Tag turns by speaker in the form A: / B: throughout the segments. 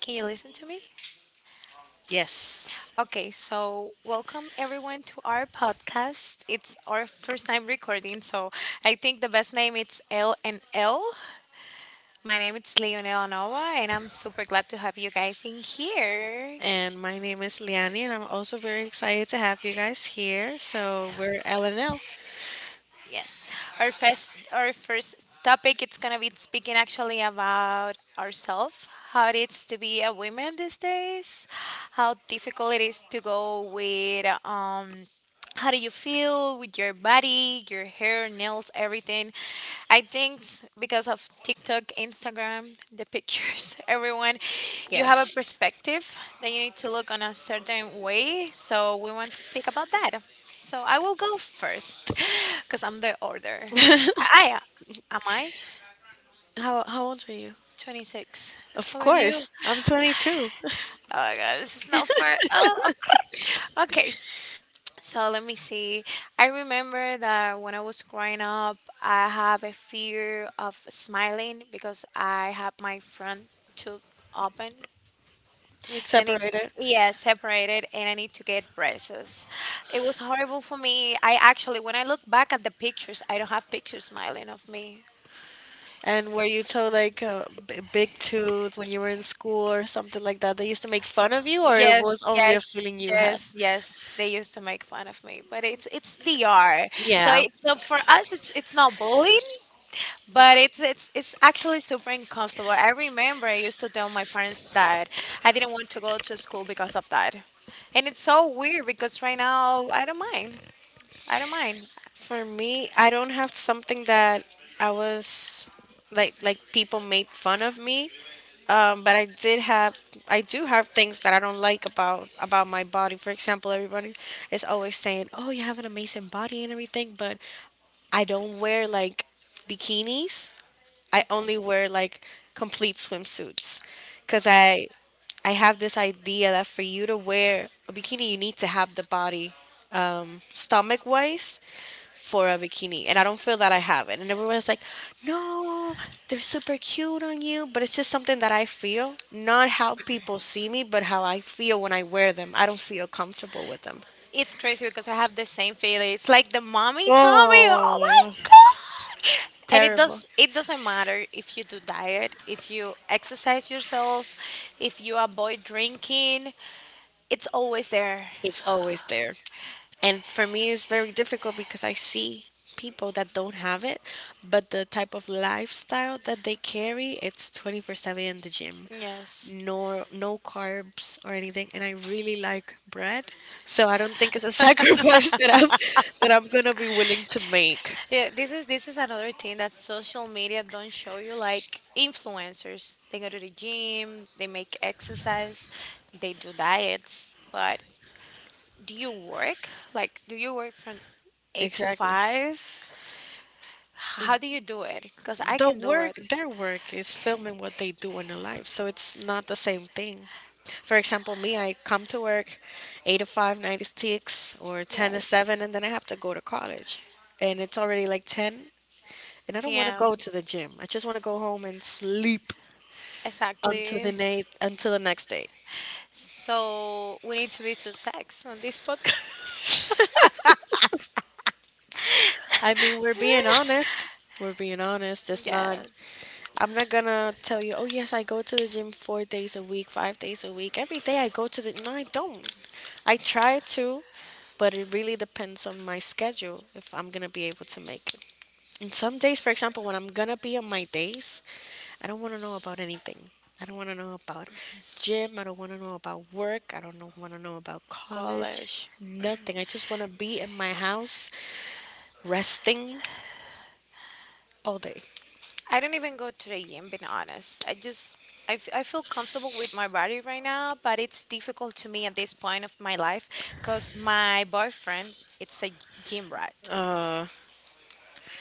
A: can you listen to me?
B: Yes.
A: Okay, so welcome everyone to our podcast. It's our first time recording, so I think the best name it's L and L. My name is Leonela Nova, and I'm super glad to have you guys in here.
B: And my name is Liani, and I'm also very excited to have you guys here. So we're LNL.
A: Yes. Our first topic it's gonna be speaking actually about ourselves, how it is to be a woman these days, how difficult it is to go with. How do you feel with your body, your hair, nails, everything? I think because of TikTok, Instagram, the pictures, everyone, you have a
B: Yes.
A: perspective that you need to look on a certain way. So we want to speak about that. So I will go first because I'm the order. I am I
B: How old are you?
A: 26.
B: Of
A: How about you?
B: course, I'm 22.
A: Oh my god, this is not fair. Oh, okay. Okay, so let me see. I remember that when I was growing up, I have a fear of smiling because I have my front tooth open
B: Like
A: and I need,
B: separated.
A: yeah, separated, and I need to get braces. It was horrible for me. I actually, when I look back at the pictures, I don't have pictures smiling of me.
B: And were you told like b- big tooth when you were in school or something like that? They used to make fun of you, or it
A: Yes,
B: was only a
A: yes,
B: feeling you had?
A: yes, yes. They used to make fun of me, but it's DR. So
B: Yeah.
A: it's so for us, it's not bullying, but it's actually super uncomfortable. I remember I used to tell my parents that I didn't want to go to school because of that, and it's so weird because right now I don't mind. I don't mind.
B: For me, I don't have something that I was like people made fun of me. But I did I do have things that I don't like about my body. For example, everybody is always saying, "Oh, you have an amazing body and everything," but I don't wear like bikinis. I only wear like complete swimsuits, cause I have this idea that for you to wear a bikini, you need to have the body stomach wise for a bikini, and I don't feel that I have it. And everyone's like, no, they're super cute on you. But it's just something that I feel, not how people see me, but how I feel when I wear them. I don't feel comfortable with them.
A: It's crazy because I have the same feeling. It's like the mommy tummy. Oh my
B: Oh,
A: god! And it
B: terrible.
A: does. It doesn't matter if you do diet, if you exercise yourself, if you avoid drinking. It's always there.
B: It's always there. And for me, it's very difficult because I see people that don't have it, but the type of lifestyle that they carry, it's 24/7 in the gym.
A: Yes.
B: No, no carbs or anything, and I really like bread, so I don't think it's a sacrifice that I'm gonna be willing to make.
A: Yeah, this is another thing that social media don't show you like influencers. They go to the gym, they make exercise, they do diets, but do you work? Like do you work from 8 to
B: Exactly.
A: 5? How do you do it? Because I
B: The
A: can do it.
B: work, their work is filming what they do in their life, so it's not the same thing. For example, me, I come to work 8 to 5, 9 to 6, or 10 to
A: Yes.
B: 7, and then I have to go to college. And it's already like 10, and I don't want to go
A: PM.
B: to the gym. I just want to go home and sleep until
A: Exactly.
B: night until the next day.
A: So we need to be so sex on this podcast.
B: I mean, we're being honest. We're being honest. It's not.
A: Yes.
B: I'm not gonna tell you, oh yes, I go to the gym 4 days a week, 5 days a week. Every day I go to the no, I don't. I try to, but it really depends on my schedule if I'm gonna be able to make it. And some days, for example, when I'm gonna be on my days, I don't want to know about anything. I don't want to know about gym. I don't want to know about work. I don't want to know about college.
A: College.
B: Nothing. I just want to be in my house resting all day.
A: I don't even go to the gym, being honest. I just, I, f- I feel comfortable with my body right now, but it's difficult to me at this point of my life because my boyfriend, it's a gym rat.
B: Uh,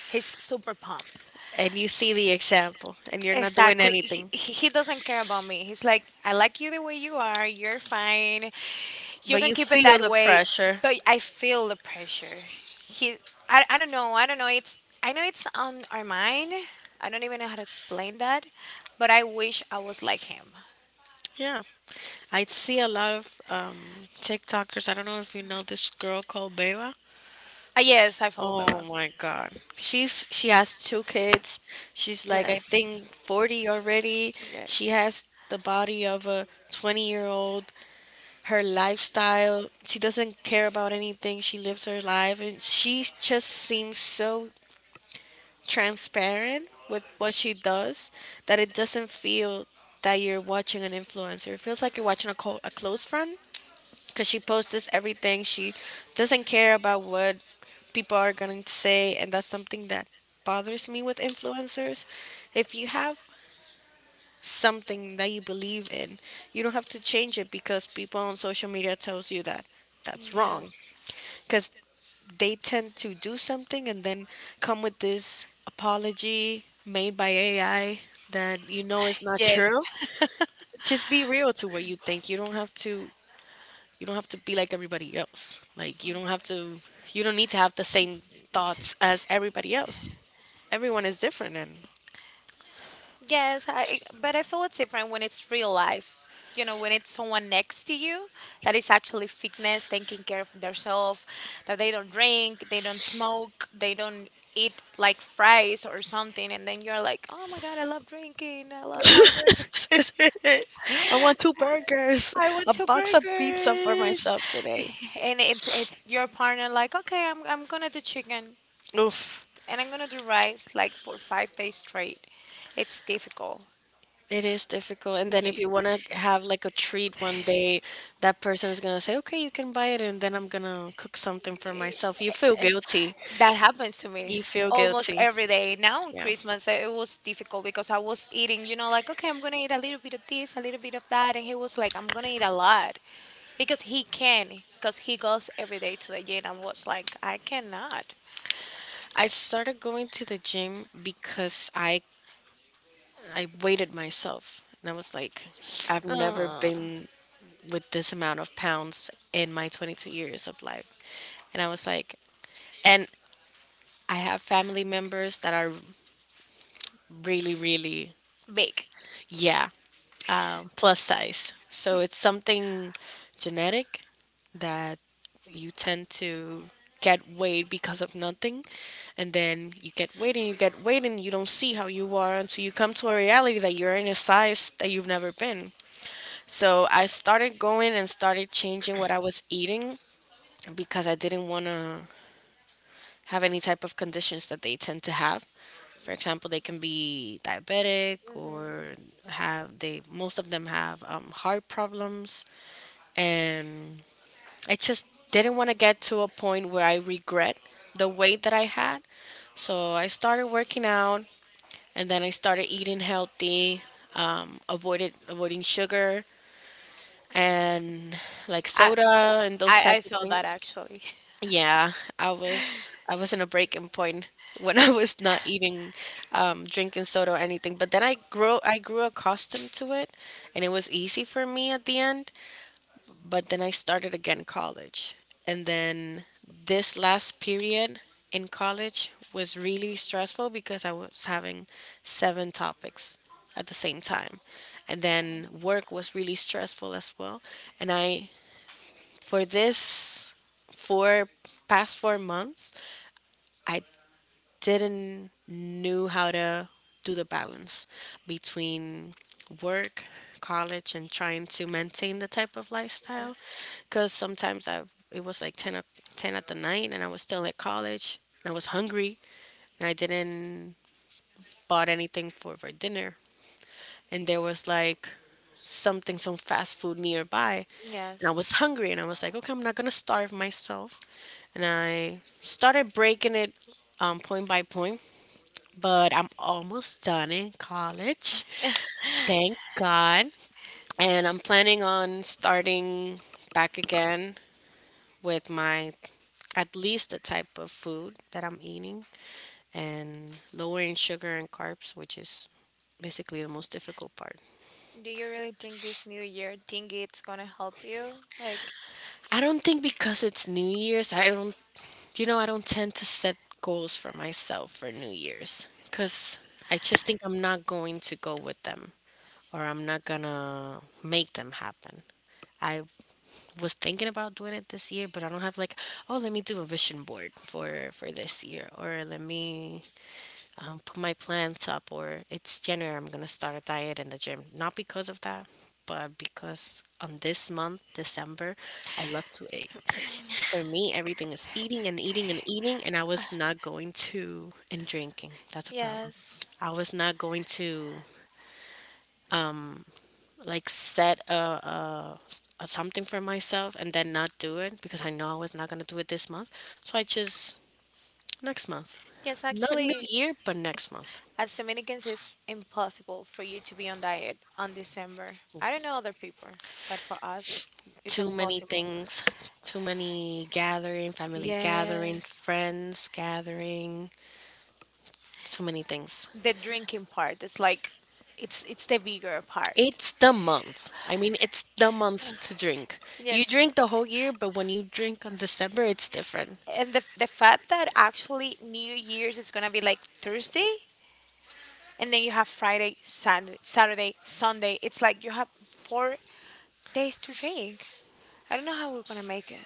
A: He's super pumped.
B: and you see the example and you're not doing
A: Exactly. He,
B: anything,
A: he he doesn't care about me. He's like, I like you the way you are. You're fine. You
B: but
A: can
B: you
A: keep it
B: feel
A: that
B: the
A: way.
B: pressure.
A: But I feel the pressure. He, I don't know. I don't know. I know it's on our mind. I don't even know how to explain that. But I wish I was like him.
B: Yeah, I see a lot of tiktokers. I don't know if you know this girl called Beba.
A: Yes, I follow
B: Oh
A: Beba.
B: my god, she has two kids. She's like, I
A: Yes.
B: think 40 already. She
A: Yes.
B: has the body of a 20-year old. Her lifestyle, she doesn't care about anything. She lives her life and she just seems so transparent with what she does that it doesn't feel that you're watching an influencer. It feels like you're watching a, co- a close friend because she posts everything. She doesn't care about what people are going to say. And that's something that bothers me with influencers. If you have something that you believe in, you don't have to change it because people on social media tells you that that's wrong.
A: Yes.
B: Because they tend to do something and then come with this apology made by AI that you know is not true.
A: Yes.
B: Just be real to what you think. You don't have to be like everybody else. Like you don't need to have the same thoughts as everybody else. Everyone is different, and
A: But I feel it's different when it's real life. You know, when it's someone next to you that is actually fitness, taking care of themselves, that they don't drink, they don't smoke, they don't eat like fries or something, and then you're like, oh my god, I love drinking, I love hamburgers,
B: I want 2 burgers,
A: I want
B: a
A: two
B: box of pizza for
A: burgers,
B: myself today.
A: and it's your partner like, okay, I'm gonna do chicken
B: Oof.
A: and I'm gonna do rice like for 5 days straight. It's difficult.
B: It is difficult. And then if you want to have like a treat one day, that person is gonna say, "Okay, you can buy it," and then I'm gonna cook something for myself. You feel guilty.
A: That happens to me
B: You feel
A: almost
B: guilty.
A: every day. Now on
B: Yeah.
A: Christmas, it was difficult because I was eating, you know, like, okay, I'm going to eat a little bit of this, a little bit of that. And he was like, I'm going to eat a lot because he can, because he goes every day to the gym. I was like, I cannot.
B: I started going to the gym because I weighted myself and I was like, I've never
A: Uh,
B: been with this amount of pounds in my 22 years of life. And I was like, and I have family members that are really
A: big.
B: yeah. Plus size. So it's something genetic that you tend to get weight because of nothing. And then you get weight and you get weight and you don't see how you are until you come to a reality that you're in a size that you've never been. So I started going and started changing what I was eating because I didn't want to have any type of conditions that they tend to have. For example, they can be diabetic
A: Hmm.
B: or have they most of them have heart problems, and I just didn't want to get to a point where I regret the weight that I had. So I started working out, and then I started eating healthy, avoided avoiding sugar and like
A: I,
B: soda and those type
A: I
B: of
A: saw that
B: things.
A: actually.
B: Yeah, I was in a breaking point when I was not eating, drinking soda or anything. But then I grew accustomed to it, and it was easy for me at the end. But then I started again college, and then this last period in college was really stressful because I was having 7 topics at the same time, and then work was really stressful as well. And I for this four past 4 months. I didn't knew how to do the balance between work, college, and trying to maintain the type of lifestyle.
A: Yes.
B: Because sometimes I it was like ten at the night, and I was still at college. And I was hungry, and I didn't bought anything for dinner. And there was like something, some fast food nearby, and I was
A: Yes.
B: hungry, and I was like, okay, I'm not gonna starve myself. And I started breaking it point by point, but I'm almost done in college. Thank God. And I'm planning on starting back again with my at least the type of food that I'm eating and lowering sugar and carbs, which is basically the most difficult part.
A: Do you really think this new year thing it's gonna help you? Like,
B: I don't think because it's New Year's, I don't, you know, I don't tend to set goals for myself for New Year's because I just think I'm not going to go with them or I'm not gonna make them happen. I was thinking about doing it this year, but I don't have like, oh, let me do a vision board for this year, or let me put my plans up, or it's January, I'm gonna start a diet in the gym. Not because of that, but because on this month, December, I love to eat. For me, everything is eating and eating and eating, and I was not going to and drinking. That's a problem.
A: yes.
B: I was not going to um like set a something for myself and then not do it because I know I was not gonna do it this month. So I just next month,
A: Yes,
B: not New
A: actually,
B: Year, but next month.
A: as Dominicans, it's impossible for you to be on diet on December. I don't know other people, but for us, it's
B: Too many
A: impossible.
B: things, too many gathering, family
A: Yeah,
B: gathering, friends gathering, too many things.
A: the drinking part is like, it's the bigger part.
B: It's the month. I mean, it's the month to drink. You
A: Yes,
B: drink the whole year, but when you drink on December, it's different.
A: and the fact that actually New Year's is gonna be like Thursday, and then you have Friday, Sunday, Saturday, Sunday. It's like you have 4 days to drink. I don't know how we're gonna make it.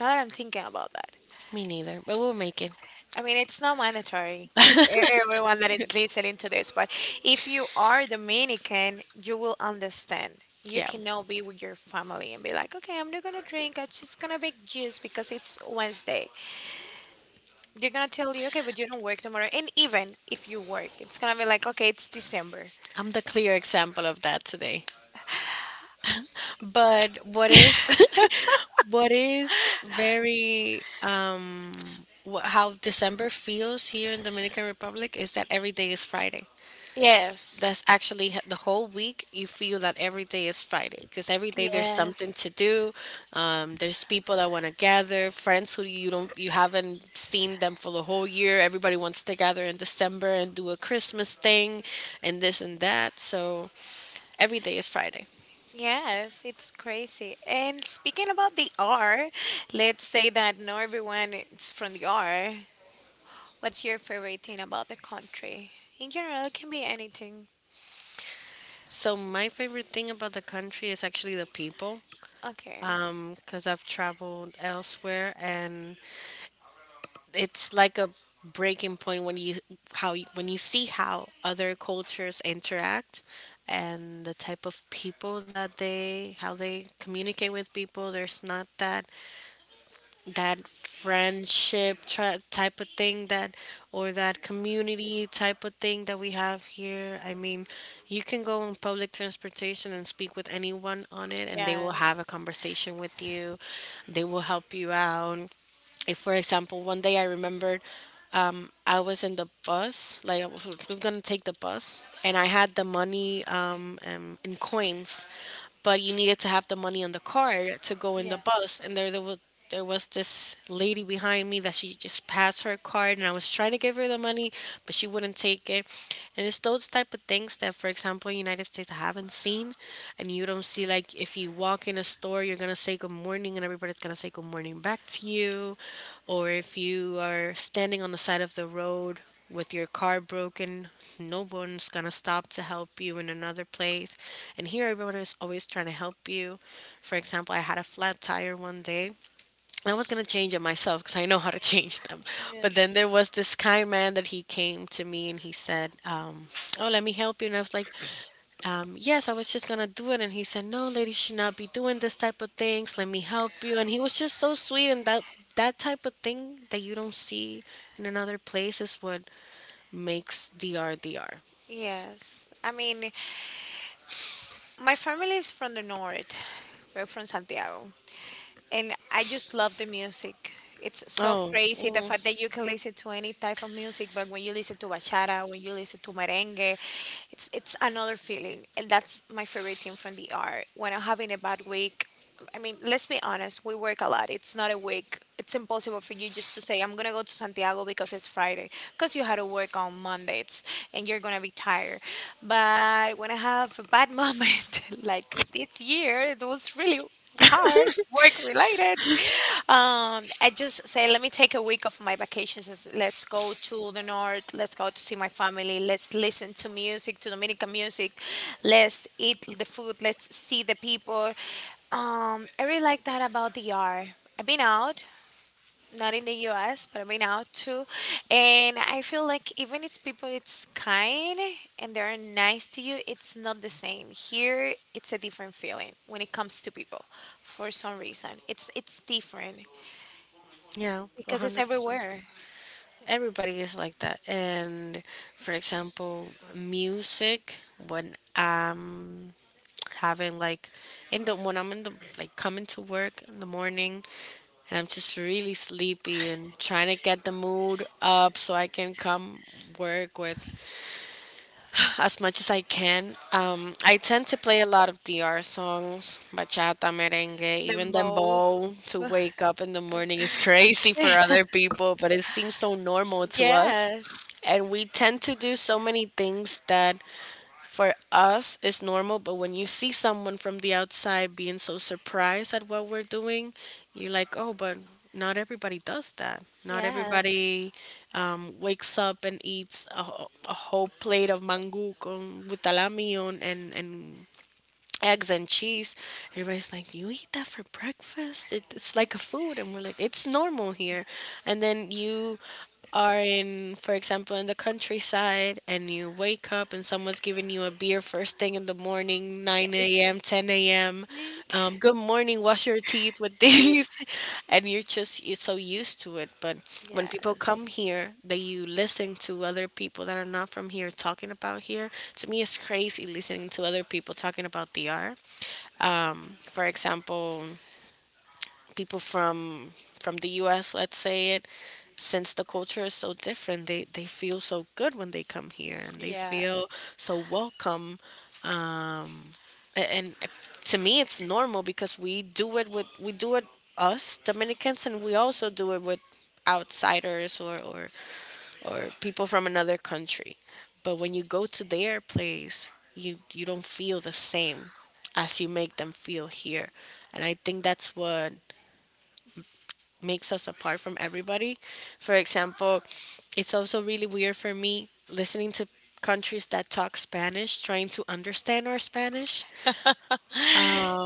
A: Now that I'm thinking about that.
B: Me neither, but we'll make it.
A: I mean, it's not mandatory, everyone that is listening to this, but if you are Dominican, you will understand. You
B: Yeah.
A: cannot be with your family and be like, okay, I'm not gonna drink, I'm just gonna make juice because it's Wednesday. They're gonna tell you, okay, but you don't work tomorrow. And even if you work, it's gonna be like, okay, it's December.
B: I'm the clear example of that today. But what is what is very how December feels here in Dominican Republic is that every day is Friday. That's
A: Yes.
B: actually h- the whole week. You feel that every day is Friday because every day there's something
A: Yes.
B: to do. There's people that want to gather, friends who you haven't seen them for the whole year. Everybody wants to gather in December and do a Christmas thing, and this and that. So every day is Friday.
A: Yes, it's crazy. And speaking about the R, let's say that not everyone is from the R. What's your favorite thing about the country? In general, it can be anything.
B: So my favorite thing about the country is actually the people,
A: Okay.
B: because I've traveled elsewhere and it's like a breaking point when you how you, when you see how other cultures interact and the type of people that they how they communicate with people. There's not that type of thing that or that community type of thing that we have here. I mean, you can go on public transportation and speak with anyone on it, and they will have
A: Yes.
B: a conversation with you, they will help you out. If, for example, one day I remembered, I was in the bus, like I was gonna take the bus, and I had the money in coins, but you needed to have the money on the card to go in the
A: Yes.
B: bus, and there was there was this lady behind me that she just passed her card, and I was trying to give her the money, but she wouldn't take it. And it's those type of things that, for example, in United States I haven't seen. And you don't see, like if you walk in a store, you're gonna say good morning, and everybody's gonna say good morning back to you, or if you are standing on the side of the road with your car broken, no one's gonna stop to help you in another place, and here everyone is always trying to help you. For example, I had a flat tire one day. I was gonna change it myself because I know how to change them. But then
A: Yes.
B: there was this kind man that he came to me and he said, "Oh, let me help you." And I was like, "Yes, I was just gonna do it." And he said, "No, lady should not be doing this type of things. Let me help you." And he was just so sweet. And that that type of thing that you don't see in another place is what makes DR DR.
A: Yes. I mean, my family is from the north. We're from Santiago. And I just love the music. It's so
B: Oh,
A: crazy the
B: mm,
A: fact that you can listen to any type of music, but when you listen to bachata, when you listen to merengue, it's another feeling. And that's my favorite thing from the art. When I'm having a bad week, I mean, let's be honest, we work a lot. It's not a week. It's impossible for you just to say, I'm going to go to Santiago because it's Friday, because you had to work on Mondays and you're going to be tired. But when I have a bad moment, like this year, it was really hard work related, I just say let me take a week of my vacations. Is let's go to the north, let's go to see my family, let's listen to music, to Dominican music, let's eat the food, let's see the people. I really like that about the R. I've been out, not in the US, but right now too. And I feel like even it's people it's kind and they're nice to you, it's not the same. Here it's a different feeling when it comes to people for some reason. It's different
B: yeah,
A: because it's
B: 100%.
A: everywhere.
B: Everybody is like that. And for example, music when I'm having like in the when I'm in the like coming to work in the morning, and I'm just really sleepy and trying to get the mood up so I can come work with as much as I can. I tend to play a lot of DR songs, bachata, merengue, even
A: Limbo.
B: dembow. To wake up in the morning is crazy for other people, but it seems so normal to us.
A: Yes.
B: And we tend to do so many things that for us it's normal, but when you see someone from the outside being so surprised at what we're doing, you're like, oh, but not everybody does that, not
A: Yeah.
B: everybody wakes up and eats a, a whole plate of mango con with salami on and eggs and cheese. Everybody's like, "Do you eat that for breakfast? It's like a food." And we're like, "It's normal here." And then you are in, for example, in the countryside, and you wake up and someone's giving you a beer first thing in the morning, nine a.m a.m., 10 a.m.
A: Yeah.
B: Good morning, wash your teeth with these. And you're so used to it. But when
A: Yeah.
B: people come here, that you listen to other people that are not from here talking about here. To me, it's crazy listening to other people talking about the art. For example, people from the US, let's say it, since the culture is so different, they feel so good when they come here, and they
A: Yeah.
B: feel so welcome. Um, a- and to me, it's normal because we do it us Dominicans, and we also do it with outsiders or people from another country. But when you go to their place, you don't feel the same as you make them feel here. And I think that's what makes us apart from everybody. For example, it's also really weird for me listening to countries that talk Spanish, trying to understand our Spanish,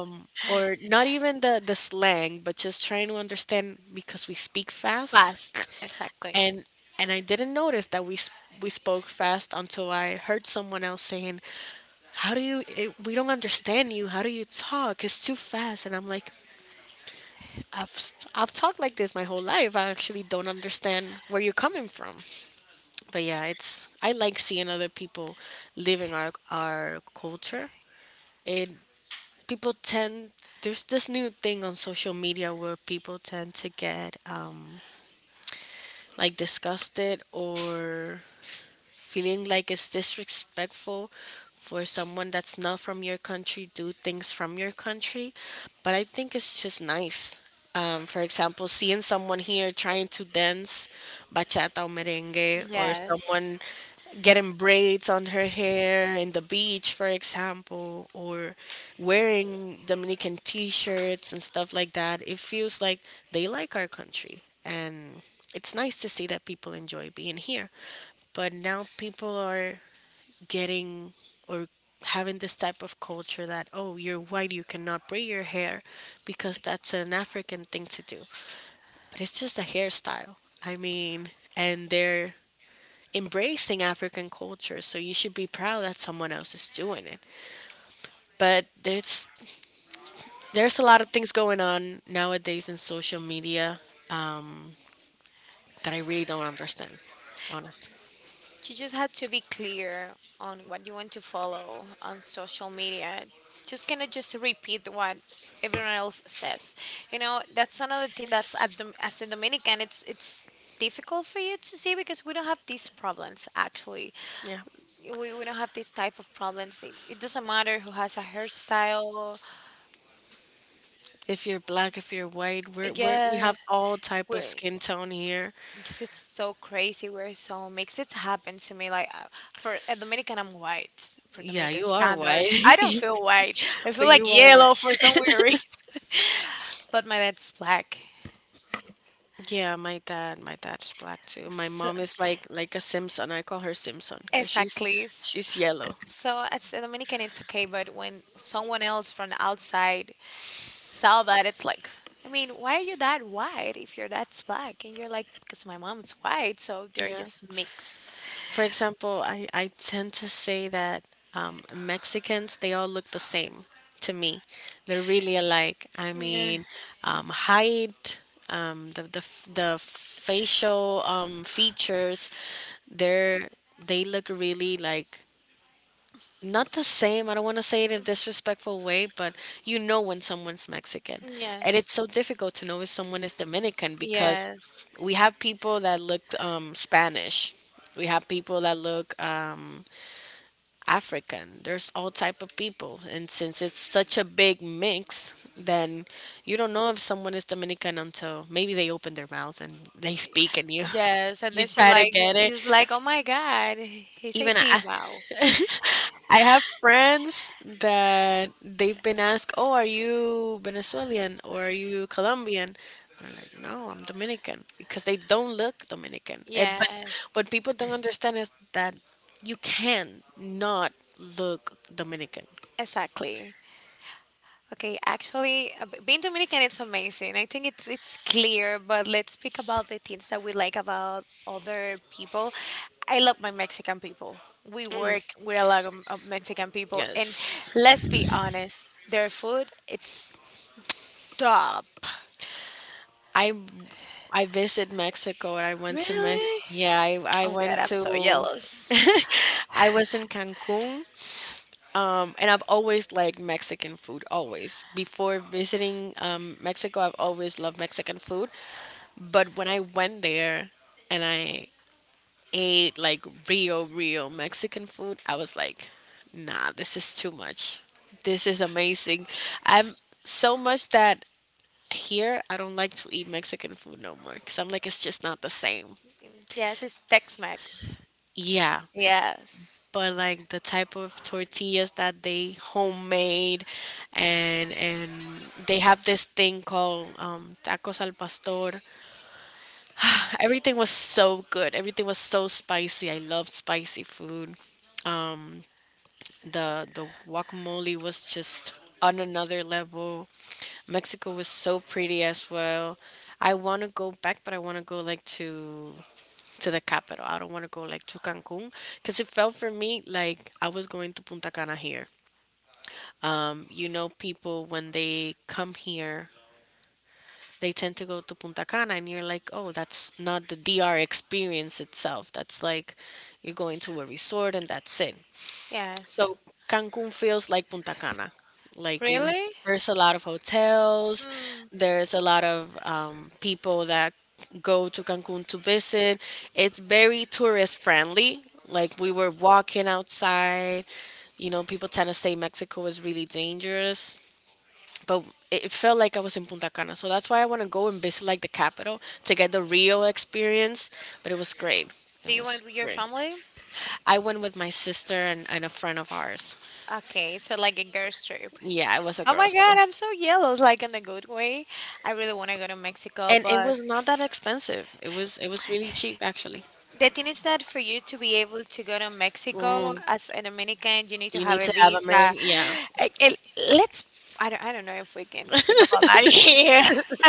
B: or not even the slang, but just trying to understand because we speak fast.
A: Fast. Exactly.
B: And I didn't notice that we spoke fast until I heard someone else saying, "How do you? We don't understand you. How do you talk? It's too fast." And I'm like, I've talked like this my whole life. I actually don't understand where you're coming from. But yeah, it's I like seeing other people living our culture. And people tend there's this new thing on social media where people tend to get like disgusted or feeling like it's disrespectful for someone that's not from your country do things from your country, but I think it's just nice. For example, seeing someone here trying to dance bachata or merengue, or
A: Yes.
B: someone getting braids on her hair in the beach for example, or wearing dominican t-shirts and stuff like that, it feels like they like our country, and it's nice to see that people enjoy being here. But now people are getting or having this type of culture that, oh, you're white, you cannot braid your hair because that's an African thing to do. But it's just a hairstyle. I mean, and they're embracing African culture, so you should be proud that someone else is doing it. But there's a lot of things going on nowadays in social media, um, that I really don't understand, honestly.
A: You just have to be clear on what you want to follow on social media. Just kind of just repeat what everyone else says. You know, that's another thing that's at the, as a Dominican, it's difficult for you to see because we don't have these problems actually.
B: Yeah.
A: We don't have this type of problems. It doesn't matter who has a hairstyle.
B: If you're black, if you're white, we
A: Yeah,
B: have all type of
A: we.
B: skin tone here.
A: Because it's so crazy where so makes it happen to me. Like for a Dominican, I'm white. For
B: Yeah,
A: Dominican
B: you are white,
A: standards, I don't feel white. I feel
B: but
A: like
B: you are white.
A: yellow for some weird reason. But my dad's black.
B: Yeah, my dad's black too. My
A: So,
B: mom is like a Simpson. I call her Simpson because
A: exactly.
B: she's yellow.
A: So as a Dominican, it's okay. But when someone else from the outside saw that, it's like, I mean, why are you that white if your dad's black? And you're like, because my mom's white, so they're
B: Yeah.
A: just mixed.
B: For example, I tend to say that Mexicans, they all look the same to me. They're really alike. I
A: Yeah.
B: mean, height, the facial features, they're, they look really like not the same. I don't want to say it in a disrespectful way, but you know when someone's Mexican. And it's
A: Yes.
B: so difficult to know if someone is Dominican because
A: Yes.
B: we have people that look Spanish. We have people that look African. There's all type of people, and since it's such a big mix, then you don't know if someone is Dominican until maybe they open their mouth and they speak, and you
A: Yes, and
B: you
A: then she
B: try to
A: like
B: get
A: you
B: it.
A: was like, "Oh my God, he's a
B: Even I,
A: Cibao."
B: I have friends that they've been asked, "Oh, are you Venezuelan or are you Colombian?" And I'm like, "No, I'm Dominican," because they don't look Dominican. But
A: Yes,
B: what people don't understand is that you can not look Dominican.
A: exactly. Okay, actually, being Dominican, it's amazing. I think it's clear, but let's speak about the things that we like about other people. I love my Mexican people. We work with a lot of Mexican people, and
B: Yes.
A: let's be honest, their food it's top.
B: I I visit Mexico and I went to Mex
A: Really?
B: yeah, I
A: Oh God,
B: went
A: I'm so
B: to
A: jealous.
B: I was in Cancun. And I've always liked Mexican food, always. Before visiting Mexico, I've always loved Mexican food. But when I went there and I ate like real, real Mexican food, I was like, nah, this is too much. This is amazing. I'm so much that here I don't like to eat Mexican food no more because I'm like, it's just not the same.
A: Yes, it's Tex-Mex.
B: Yeah.
A: Yes.
B: But like the type of tortillas that they homemade and they have this thing called tacos al pastor. Everything was so good, everything was so spicy. I love spicy food. um, the guacamole was just on another level. Mexico was so pretty as well. I want to go back, but I want to go like to the capital. I don't want to go like to Cancun because it felt for me like I was going to Punta Cana here. You know, people when they come here, they tend to go to Punta Cana, and you're like, oh, that's not the DR experience itself. That's like you're going to a resort and that's it.
A: Yes.
B: So Cancun feels like Punta Cana. Like in,
A: Really?
B: there's a lot of hotels, there's a lot of people that go to Cancun to visit. It's very tourist friendly. Like we were walking outside, you know, people tend to say Mexico is really dangerous, but it felt like I was in Punta Cana. So that's why I want to go and visit like the capital to get the real experience. But it was great.
A: Do
B: It
A: you
B: was
A: went with your
B: great.
A: family?
B: I went with my sister and a friend of ours.
A: Okay, so like a girls trip.
B: Yeah, it was a
A: Oh my
B: girls trip.
A: God, I'm so yellow, it's like in a good way. I really want to go to Mexico,
B: And it
A: but
B: was not that expensive. It was really cheap actually.
A: the thing is that for you to be able to go to Mexico
B: Mm,
A: as a Dominican, you need to
B: you
A: have
B: need
A: a
B: to have
A: visa.
B: American. Yeah,
A: Eh, eh, Let's, I don't know if we can speak about that here.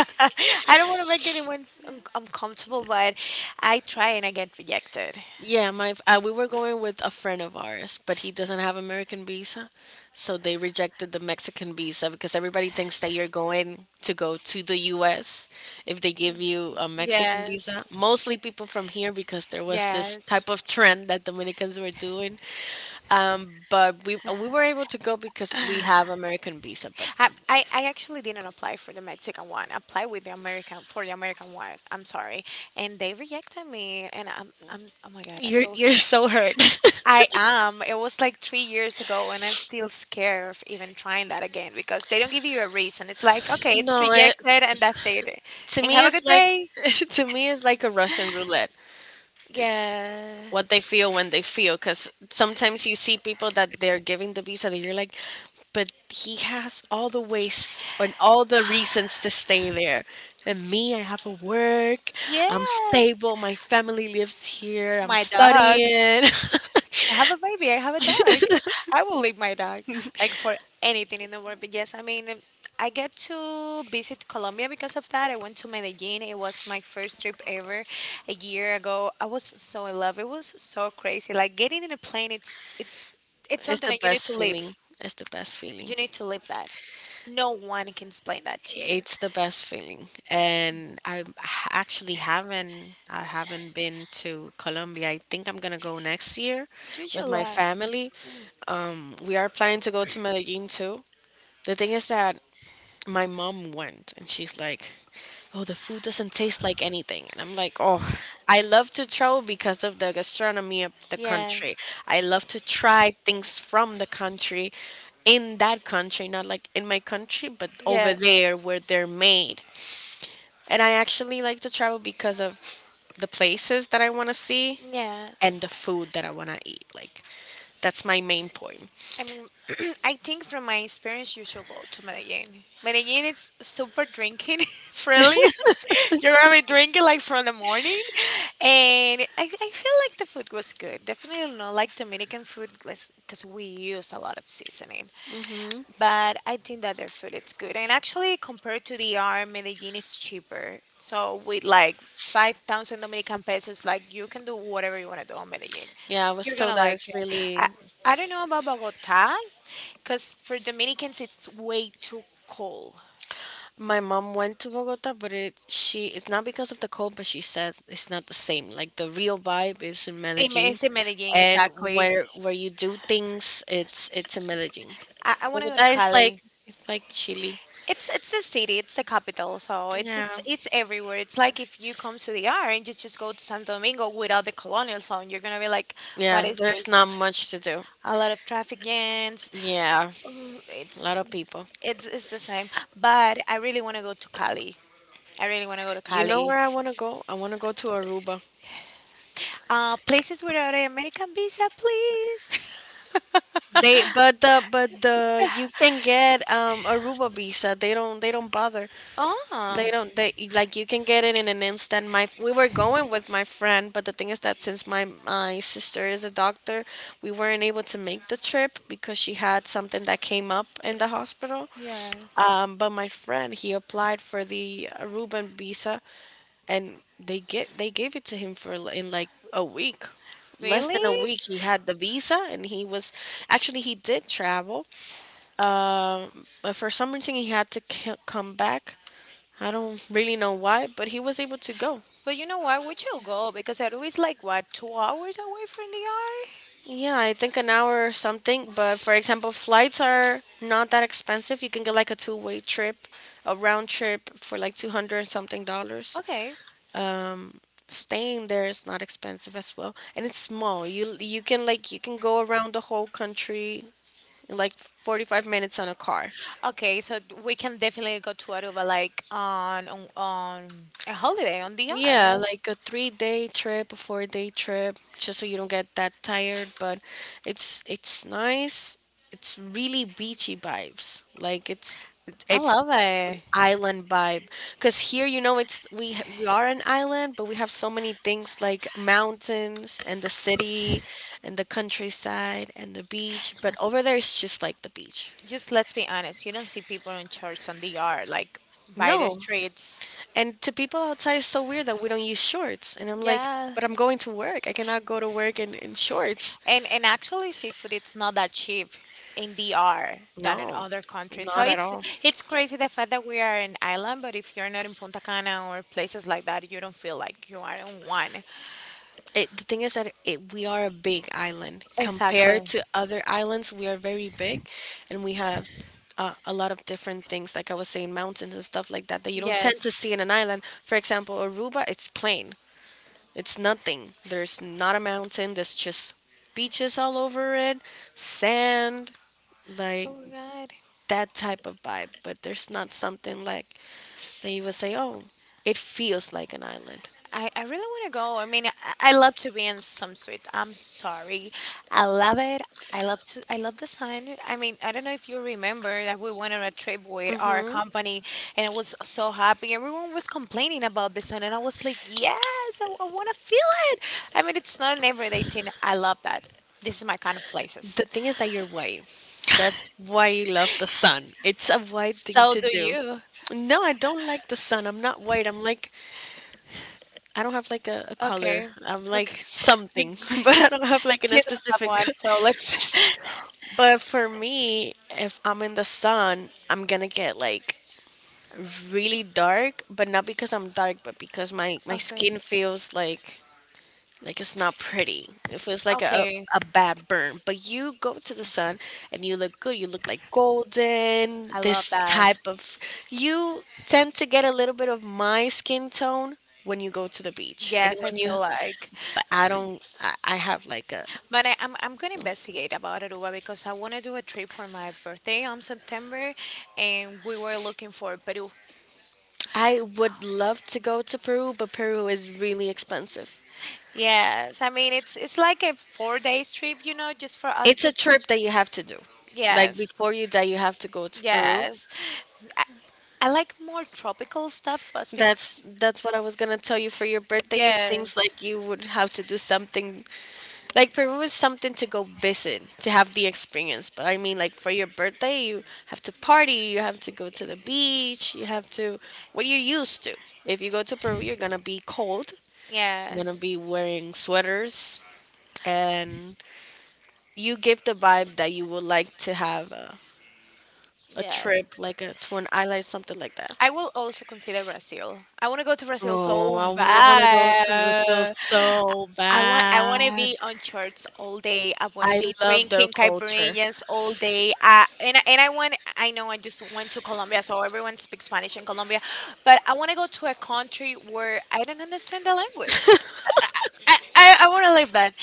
A: I don't want to make anyone uncomfortable, but I try and I get rejected.
B: yeah, we were going with a friend of ours, but he doesn't have American visa, so they rejected the Mexican visa because everybody thinks that you're going to go to the U.S. if they give you a Mexican visa.
A: Yes,
B: Mostly people from here because there was this type
A: yes.
B: of trend that Dominicans were doing. But we were able to go because we have American visa. But
A: I actually didn't apply for the Mexican one. I applied with the American for the American one. I'm sorry, and they rejected me. And I'm oh my god, I feel
B: you're so hurt.
A: I am. It was like 3 years ago, and I'm still scared of even trying that again because they don't give you a reason. It's like okay, it's
B: No, it,
A: rejected, and that's it.
B: to
A: And
B: me
A: have a
B: it's
A: good
B: like
A: day.
B: to me it's like a Russian roulette. It's
A: Yeah,
B: what they feel when they feel, because sometimes you see people that they're giving the visa that you're like but he has all the ways and all the reasons to stay there, and me I have a work,
A: yeah.
B: I'm stable, my family lives here, I'm
A: My dog.
B: studying.
A: I have a baby. I have a dog. I will leave my dog like for anything in the world. But yes, I mean, I get to visit Colombia because of that. I went to Medellin. It was my first trip ever a year ago. I was so in love. It was so crazy. Like getting in a plane, it's
B: It's
A: something
B: the
A: that you need
B: best
A: to
B: feeling,
A: live.
B: it's the best feeling.
A: You need to live that. No one can explain that to you.
B: It's the best feeling. And actually haven't I haven't been to Colombia. I think I'm gonna go next year with my
A: Usually,
B: family. We are planning to go to Medellin too. The thing is that my mom went and she's like, "Oh, the food doesn't taste like anything." And I'm like, "Oh, I love to travel because of the gastronomy of the
A: yeah.
B: country. I love to try things from the country in that country, not like in my country, but over
A: Yes.
B: there where they're made. And I actually like to travel because of the places that I want to see and
A: Yes.
B: the food that I want to eat. Like, that's my main point."
A: I mean, I think from my experience, you should go to Medellin. Medellin, it's super drinking friendly. You're gonna be drinking like from the morning, and I feel like the food was good. Definitely not like Dominican food, because we use a lot of seasoning,
B: Hmm.
A: but I think that their food is good. And actually, compared to the R, Medellin is cheaper. So with like 5,000 Dominican pesos, like you can do whatever you want to do on Medellin.
B: Yeah, I was
A: You're
B: told
A: gonna
B: that
A: like
B: it's
A: it. I,
B: really.
A: I don't know about Bogota, because for Dominicans it's way too cold.
B: My mom went to Bogota, but it's not because of the cold, but she says it's not the same. Like the real vibe is in
A: In,
B: Medellin,
A: it's in Medellin,
B: and
A: exactly.
B: where you do things, it's in Medellin.
A: I want to go to
B: Bogota is like
A: Cali.
B: it's like Chile.
A: It's the city, it's the capital, so it's
B: Yeah,
A: it's it's everywhere. It's like if you come to the R and just go to Santo Domingo without the colonial zone, you're gonna be like, what
B: yeah.
A: is
B: There's
A: this?
B: not much to do.
A: A lot of traffic jams.
B: Yeah,
A: Mm,
B: a
A: It's
B: lot of people.
A: it's it's the same. But I really want to go to Cali. I really want to go to
B: You know
A: Cali.
B: where I want to go? I want to go to Aruba.
A: Places without an American visa, please.
B: You can get Aruba visa. They don't bother.
A: Oh,
B: They don't, They like you can get it in an instant. We were going with my friend, but the thing is that since my sister is a doctor, we weren't able to make the trip because she had something that came up in the hospital.
A: yes,
B: But my friend, he applied for the Aruban visa, and they gave it to him in like a week, less
A: really?
B: than a week he had the visa, and he was actually he did travel, but for some reason he had to come back. I don't really know why, but he was able to go.
A: But you know what? We should go because Peru is like what, 2 hours away from the R.
B: Yeah, I think an hour or something, but for example, flights are not that expensive. You can get like a two-way trip, a round trip for like 200 and something dollars.
A: Okay.
B: Um, staying there is not expensive as well, and it's small. You can go around the whole country in like 45 minutes on a car.
A: Okay, so we can definitely go to Aruba like on a holiday on the
B: Yeah,
A: R.
B: like a 3 day trip, a 4 day trip, just so you don't get that tired. But it's nice. It's really beachy vibes. Like it's
A: I
B: it's
A: love
B: an
A: it.
B: island vibe. Cause here, we are an island, but we have so many things like mountains and the city and the countryside and the beach. But over there, it's just like the beach.
A: Just let's be honest, you don't see people in church on the yard, like by the
B: No.
A: streets.
B: And to people outside, it's so weird that we don't use shorts. And I'm like,
A: Yeah.
B: but I'm going to work. I cannot go to work in shorts.
A: And actually seafood it's not that cheap in DR than in
B: No,
A: other countries. So
B: not at all.
A: it's crazy the fact that we are an island, but if you're not in Punta Cana or places like that, you don't feel like you are in one.
B: The thing is that we are a big island. Compared
A: Exactly.
B: to other islands, we are very big, and we have a lot of different things, like I was saying, mountains and stuff like that, that you don't tend to
A: Yes.
B: see in an island. For example, Aruba, it's plain, it's nothing. There's not a mountain, there's just beaches all over it, sand, like
A: Oh god.
B: that type of vibe, but there's not something like that you would say, oh, it feels like an island.
A: I really want to go. I mean, I love to be in some suite. I'm sorry. I love it. I love the sun. I mean, I don't know if you remember that we went on a trip with our
B: Hmm.
A: company and I was so happy. Everyone was complaining about the sun and I was like, "Yes, I want to feel it." I mean, it's not an everyday thing. I love that. This is my kind of
B: The
A: places.
B: thing is that you're white. That's why you love the sun. It's a white thing
A: So
B: to
A: do
B: do.
A: you.
B: No, I don't like the sun. I'm not white. I'm like, I don't have like a color.
A: Okay.
B: I'm
A: Okay.
B: like something, but I don't have like in
A: She
B: a
A: does have
B: specific.
A: one, so let's
B: But for me, if I'm in the sun, I'm gonna get like really dark, but not because I'm dark, but because my
A: okay.
B: skin feels like. Like it's not pretty. It feels like a
A: Okay.
B: a bad burn, but you go to the sun and you look good. You look like golden.
A: I love
B: This
A: that.
B: type of you tend to get a little bit of my skin tone when you go to the beach and
A: Yes, I
B: when you.
A: feel like,
B: But I don't. I have like a.
A: but I'm gonna investigate about Aruba because I want to do a trip for my birthday on September, and we were looking for Peru.
B: I would love to go to Peru, but Peru is really expensive.
A: Yes, I mean it's like a 4 days trip, you know, just for us
B: It's a
A: to.
B: trip that you have to do. Like,
A: Yes,
B: before you die, you have to go to Peru.
A: yes, I like more tropical stuff, but
B: That's what I was gonna tell you for your birthday. It
A: yeah,
B: seems like you would have to do something like Peru is something to go visit, to have the experience. But I mean, like for your birthday you have to party, you have to go to the beach, you have to what you're used to. If you go to Peru you're gonna be cold, you're gonna
A: yes,
B: be wearing sweaters, and you give the vibe that you would like to have a trip
A: yes.
B: to an island, something like that.
A: I will also consider Brazil. I want to go to Brazil
B: Oh,
A: so
B: I wanna go to Brazil
A: bad.
B: so
A: I want to
B: bad.
A: be on shorts all day. I want to
B: I
A: be
B: love their
A: drinking
B: culture.
A: caipirinhas all day. And I want, I know I just went to Colombia, so everyone speaks Spanish in Colombia, but I want to go to a country where I don't understand the language. I want to live that.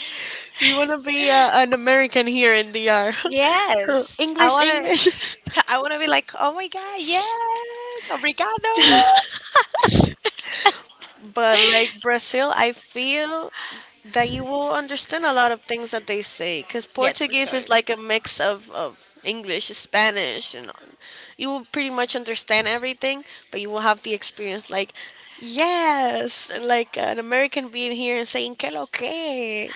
B: You wanna be an American here in DR.
A: Yes, I
B: English,
A: want
B: English.
A: to. I want to be like, oh my god, yes, obrigado.
B: But like Brazil, I feel that you will understand a lot of things that they say because
A: Yes, for
B: Portuguese
A: sure.
B: is like a mix of English, Spanish, and you will pretty much understand everything, but you will have the experience like, yes, and like an American being here and saying, que lo que.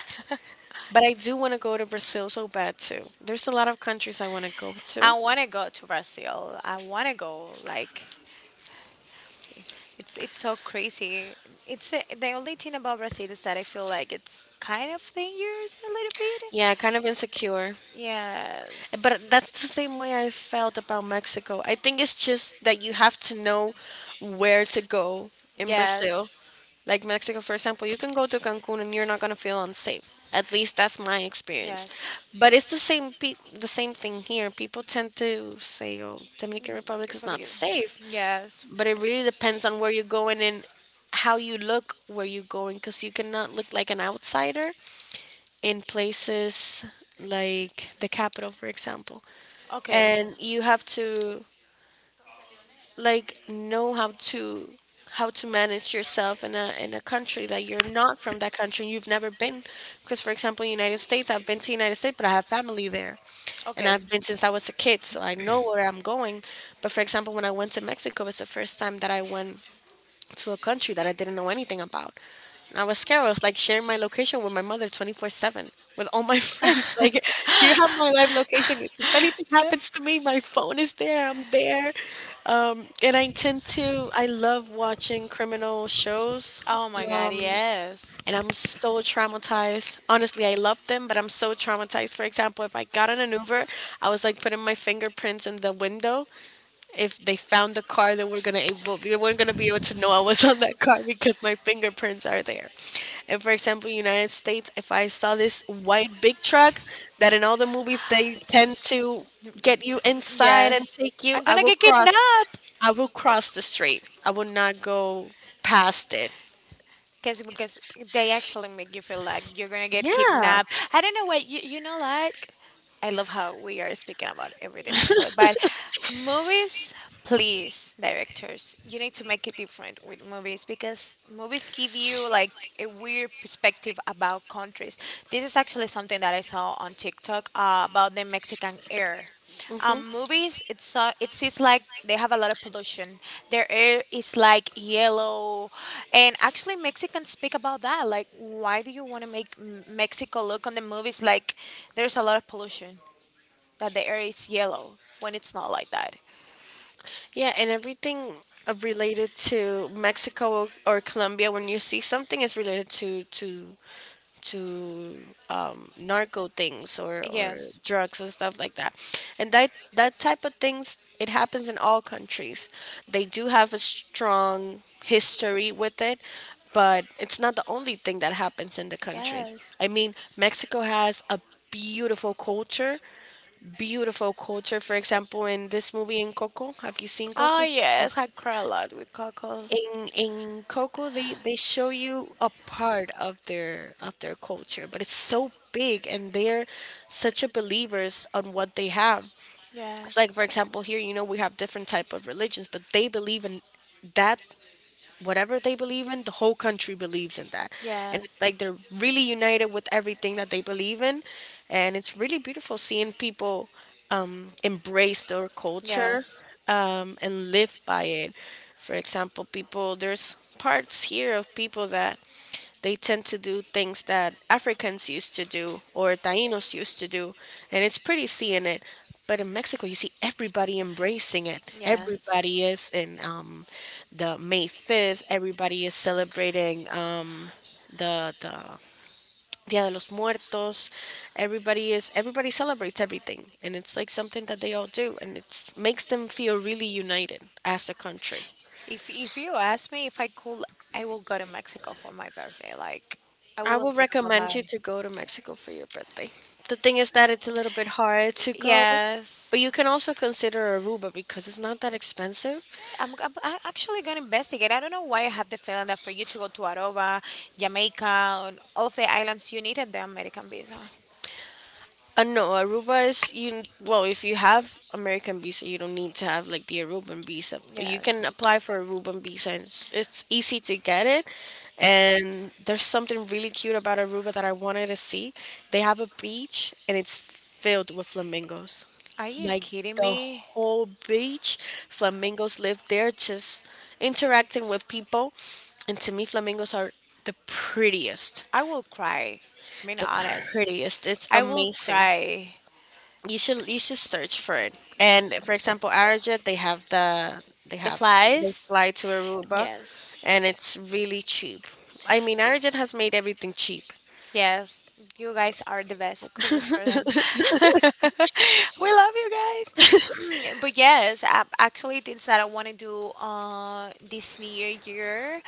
B: But I do want to go to Brazil so bad too. There's a lot of countries I want to go
A: I
B: to.
A: want to go to Brazil. I want to go. Like, it's so crazy. The only thing about Brazil is that I feel like it's kind of dangerous a little bit.
B: Yeah, kind of insecure. But that's
A: Yes,
B: the same way I felt about Mexico. I think it's just that you have to know where to go in Brazil.
A: yes,
B: Like Mexico, for example, you can go to Cancun and you're not going to feel unsafe. At least that's my experience.
A: yes.
B: But it's the same the same thing here. People tend to say, "Oh, Dominican
A: Que
B: Republic is not
A: porque-
B: safe,"
A: yes.
B: but it really depends on where you're going, and how you look where you're going, because you cannot look like an outsider in places like the capital, for example,
A: Okay.
B: and you have to like know how to manage yourself in a country that you're not from, that country you've never been. Because for example, United States, I've been to United States, but I have family there, and
A: Okay.
B: I've been since I was a kid, so I know where I'm going. But for example, when I went to Mexico, it was the first time that I went to a country that I didn't know anything about. And I was scared. I was like sharing my location with my mother 24/7 with all my friends. Like, here, have my live location. If anything happens to me, my phone is there. I'm there. And I I love watching criminal shows.
A: Oh my God.
B: Um,
A: Yes.
B: and I'm so traumatized. Honestly, I love them, but I'm so traumatized. For example, if I got in an Uber, I was like putting my fingerprints in the window, if they found the car they were gonna able they weren't gonna be able to know I was on that car because my fingerprints are there. And for example, United States, if I saw this white big truck that in all the movies they tend to get you inside
A: Yes.
B: and take you,
A: I'm gonna get kidnapped.
B: I will cross the street. I will not go past it.
A: Because they actually make you feel like you're gonna get
B: Yeah.
A: kidnapped. I don't know what you know like. I love how we are speaking about everything actually, but movies, please, directors, you need to make it different with movies because movies give you like a weird perspective about countries. This is actually something that I saw on TikTok, about the Mexican air,
B: Hmm.
A: movies, it seems like they have a lot of pollution, their air is like yellow. And actually mexicans speak about that, like, why do you want to make Mexico look on the movies like there's a lot of pollution, that the air is yellow when it's not like that?
B: Yeah, and everything related to Mexico or Colombia, when you see something is related to narco things, or
A: Yes,
B: drugs and stuff like that. And that type of things it happens in all countries. They do have a strong history with it, but it's not the only thing that happens in the country.
A: yes.
B: I mean, Mexico has a beautiful culture, beautiful culture. For example, in this movie in Coco, have you seen
A: Oh
B: Coco?
A: yes, I cry a lot with Coco.
B: In Coco, they show you a part of their culture, but it's so big, and they're such a believers on what they have. It's
A: Yes,
B: like, for example, here, we have different type of religions, but they believe in that, whatever they believe in, the whole country believes in that. And it's
A: yes,
B: like they're really united with everything that they believe in, and it's really beautiful seeing people embrace their culture,
A: yes,
B: and live by it. For example, people, there's parts here of people that they tend to do things that Africans used to do or Tainos used to do, and it's pretty seeing it. But in Mexico, you see everybody embracing it.
A: yes.
B: Everybody is in the May 5th. Everybody is celebrating the Dia de los Muertos. Everybody celebrates everything, and it's like something that they all do, and it makes them feel really united as a country.
A: If you ask me if I could, I will go to Mexico for my birthday. Like, I
B: I
A: wouldn't
B: would
A: think about that.
B: recommend you to go to Mexico for your birthday. The thing is that it's a little bit hard to go, but
A: Yes.
B: you can also consider Aruba because it's not that expensive.
A: Actually going to investigate. I don't know why I have the feeling that for you to go to Aruba, Jamaica, and all of the islands, you needed the American visa.
B: No, Aruba is you. Well, if you have American visa, you don't need to have like the Aruban visa, but
A: Yeah.
B: you can apply for Aruban visa, and it's easy to get it. And there's something really cute about Aruba that I wanted to see. They have a beach, and it's filled with flamingos.
A: Are you
B: Like
A: kidding
B: the
A: me?
B: whole beach, flamingos live there, just interacting with people. And to me, flamingos are the prettiest.
A: I will cry. Being
B: The
A: honest,
B: prettiest. It's
A: I will
B: amazing,
A: cry.
B: you should search for it. And for example, Arajet, they have the they
A: The
B: have they
A: flies?
B: fly to Aruba,
A: Yes.
B: and it's really cheap. I mean, Arajet has made everything cheap.
A: Yes, you guys are the best. Kudos for them. We love you guys. But yes, I, actually, things that I want to do this new year,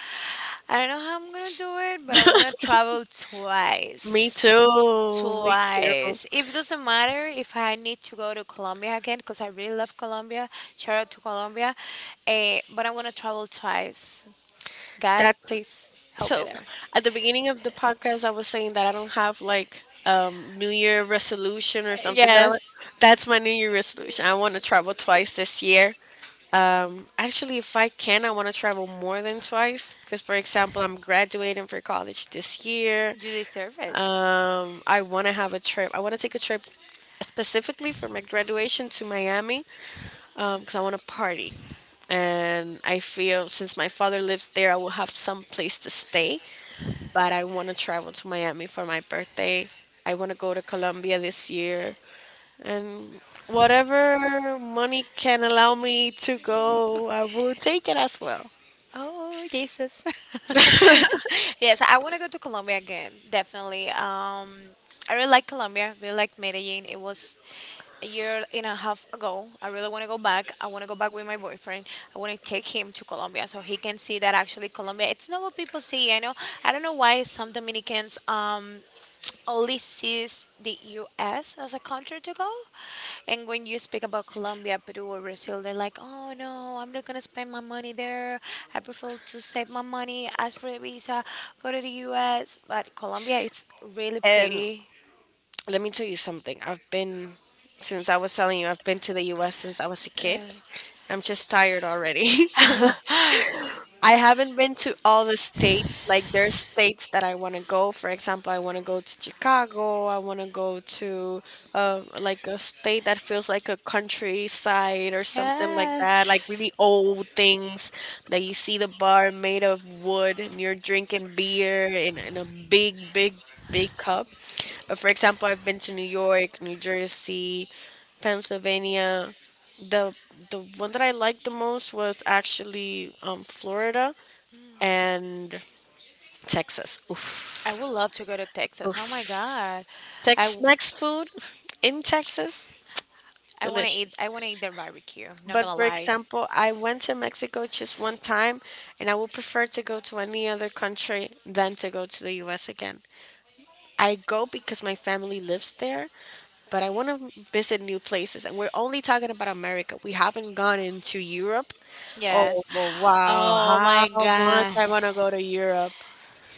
A: I don't know how I'm going to do it, but I want to travel
B: Me
A: twice.
B: too. Me too.
A: Twice. It doesn't matter if I need to go to Colombia again because I really love Colombia. Shout out to Colombia. Eh, but I want to travel twice. God,
B: That
A: please help me
B: So
A: there.
B: at the beginning of the podcast, I was saying that I don't have like New Year resolution or something that I want.
A: Yes,
B: That's my New Year resolution. I want to travel twice this year. Actually, if I can, I want to travel more than twice. Because, for example, I'm graduating for college this year.
A: you deserve it.
B: I want to have a trip. I want to take a trip specifically for my graduation to Miami because I want to party. And I feel since my father lives there, I will have some place to stay. But I want to travel to Miami for my birthday. I want to go to Colombia this year. And whatever money can allow me to go, I will take it as well.
A: Oh, Jesus. Yes, I want to go to Colombia again, definitely. I really like Colombia, really like Medellin. It was a year and a half ago. I really want to go back. I want to go back with my boyfriend. I want to take him to Colombia so he can see that actually Colombia, it's not what people see. I know, I don't know why some Dominicans only sees the US as a country to go. And when you speak about Colombia, Peru, or Brazil, they're like, oh no, I'm not going to spend my money there. I prefer to save my money, ask for a visa, go to the US. But Colombia, it's really
B: And
A: pretty.
B: let me tell you something. I've been, since I was telling you, I've been to the US since I was a kid.
A: Uh,
B: I'm just tired already. I haven't been to all the states. Like there's states that I want to go. For example, I want to go to Chicago. I want to go to like a state that feels like a countryside or something like
A: yeah.
B: that. Like really old things that you see the bar made of wood and you're drinking beer in a big, big, big cup. But for example, I've been to New York, New Jersey, Pennsylvania. The the one that I liked the most was actually Florida and Texas.
A: I
B: Oof.
A: would love to go to Texas. Oh my God. I, w-
B: Tex-Mex food in Texas,
A: I want to eat,
B: delicious.
A: I want to eat their barbecue. Not going
B: But
A: to
B: for
A: lie.
B: example, I went to Mexico just one time, and I would prefer to go to any other country than to go to the U.S. again. I go because my family lives there, but I want to visit new places. And we're only talking about America. We haven't gone into Europe. Oh,
A: Yes.
B: but wow,
A: Oh my
B: how much
A: God.
B: I want to go to Europe.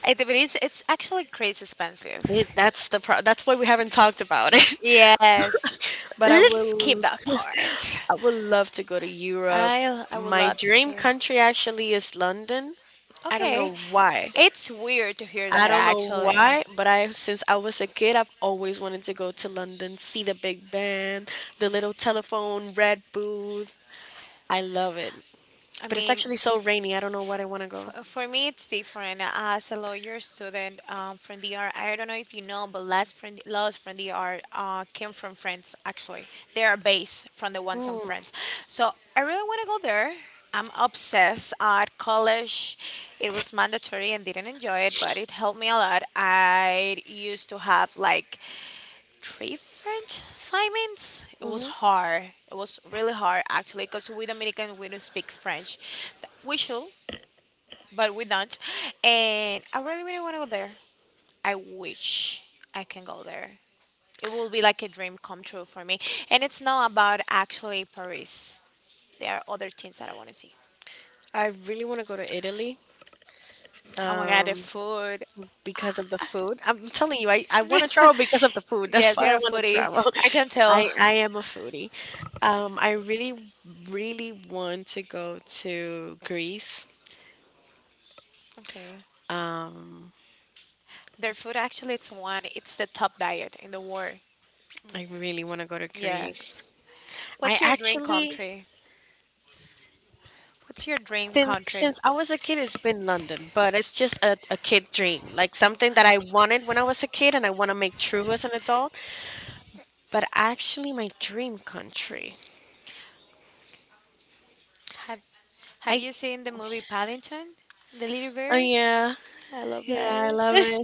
A: It, but it's actually crazy expensive.
B: It, that's the pro- that's why we haven't talked about it.
A: Yes.
B: But I
A: Let's skip
B: will
A: that part.
B: I would love to go to Europe.
A: I would
B: My
A: love
B: dream
A: to.
B: country actually is London. I don't
A: Okay.
B: know why.
A: It's weird to hear
B: I
A: that
B: don't know
A: actually.
B: why, but I since I was a kid, I've always wanted to go to London, see the Big Ben, the little telephone red booth. I love it.
A: I
B: But it's
A: mean,
B: actually so rainy. I don't know why I want to go.
A: For me, it's different. As a lawyer student from DR, I don't know if you know, but laws from DR came from France. Actually, they are based from the ones on
B: Mm,
A: France. So I really want to go there. I'm obsessed. At college, it was mandatory and didn't enjoy it, but it helped me a lot. I used to have like 3 French assignments. It
B: hmm,
A: was
B: mm-hmm.
A: hard. It was really hard actually, because we Dominican we don't speak French. We should but we don't. And I really, really want to go there. I wish I can go there. It will be like a dream come true for me. And it's not about actually Paris. There are other things that I want to see.
B: I really want to go to Italy.
A: Oh my god, the
B: Um,
A: food.
B: because of the food. I'm telling you, I want to travel because of the food. That's
A: Yes,
B: why
A: you're
B: I
A: a
B: want to
A: foodie.
B: travel.
A: I can
B: I,
A: tell.
B: I am a foodie. I really, really want to go to Greece.
A: Okay.
B: Um,
A: Their food actually it's one. It's the top diet in the world.
B: I really want to go to Greece.
A: Yes.
B: I
A: What's your dream
B: actually,
A: country? What's your dream
B: since
A: country?
B: since I was a kid, it's been London, but it's just a kid dream, like something that I wanted when I was a kid, and I want to make true as an adult. But actually, my dream country,
A: Have Have
B: I,
A: you seen the movie Paddington? The Little Bear?
B: yeah.
A: I love
B: Yeah, I
A: that.
B: love it.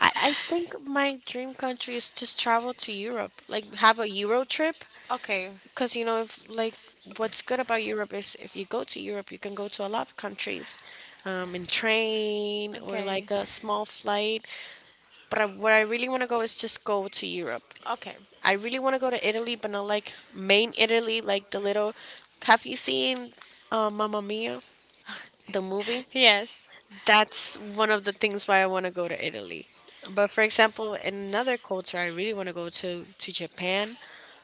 B: I think my dream country is just travel to Europe, like have a Euro trip.
A: Okay,
B: Because, you know, if like what's good about Europe is if you go to Europe, you can go to a lot of countries, in train or
A: okay,
B: like a small flight. But where I really want to go is just go to Europe.
A: okay.
B: I really want to go to Italy, but not like main Italy, like the little. Have you seen Mamma Mia, the movie?
A: Yes,
B: That's one of the things why I want to go to Italy. But for example, in another culture, I really want to go to Japan.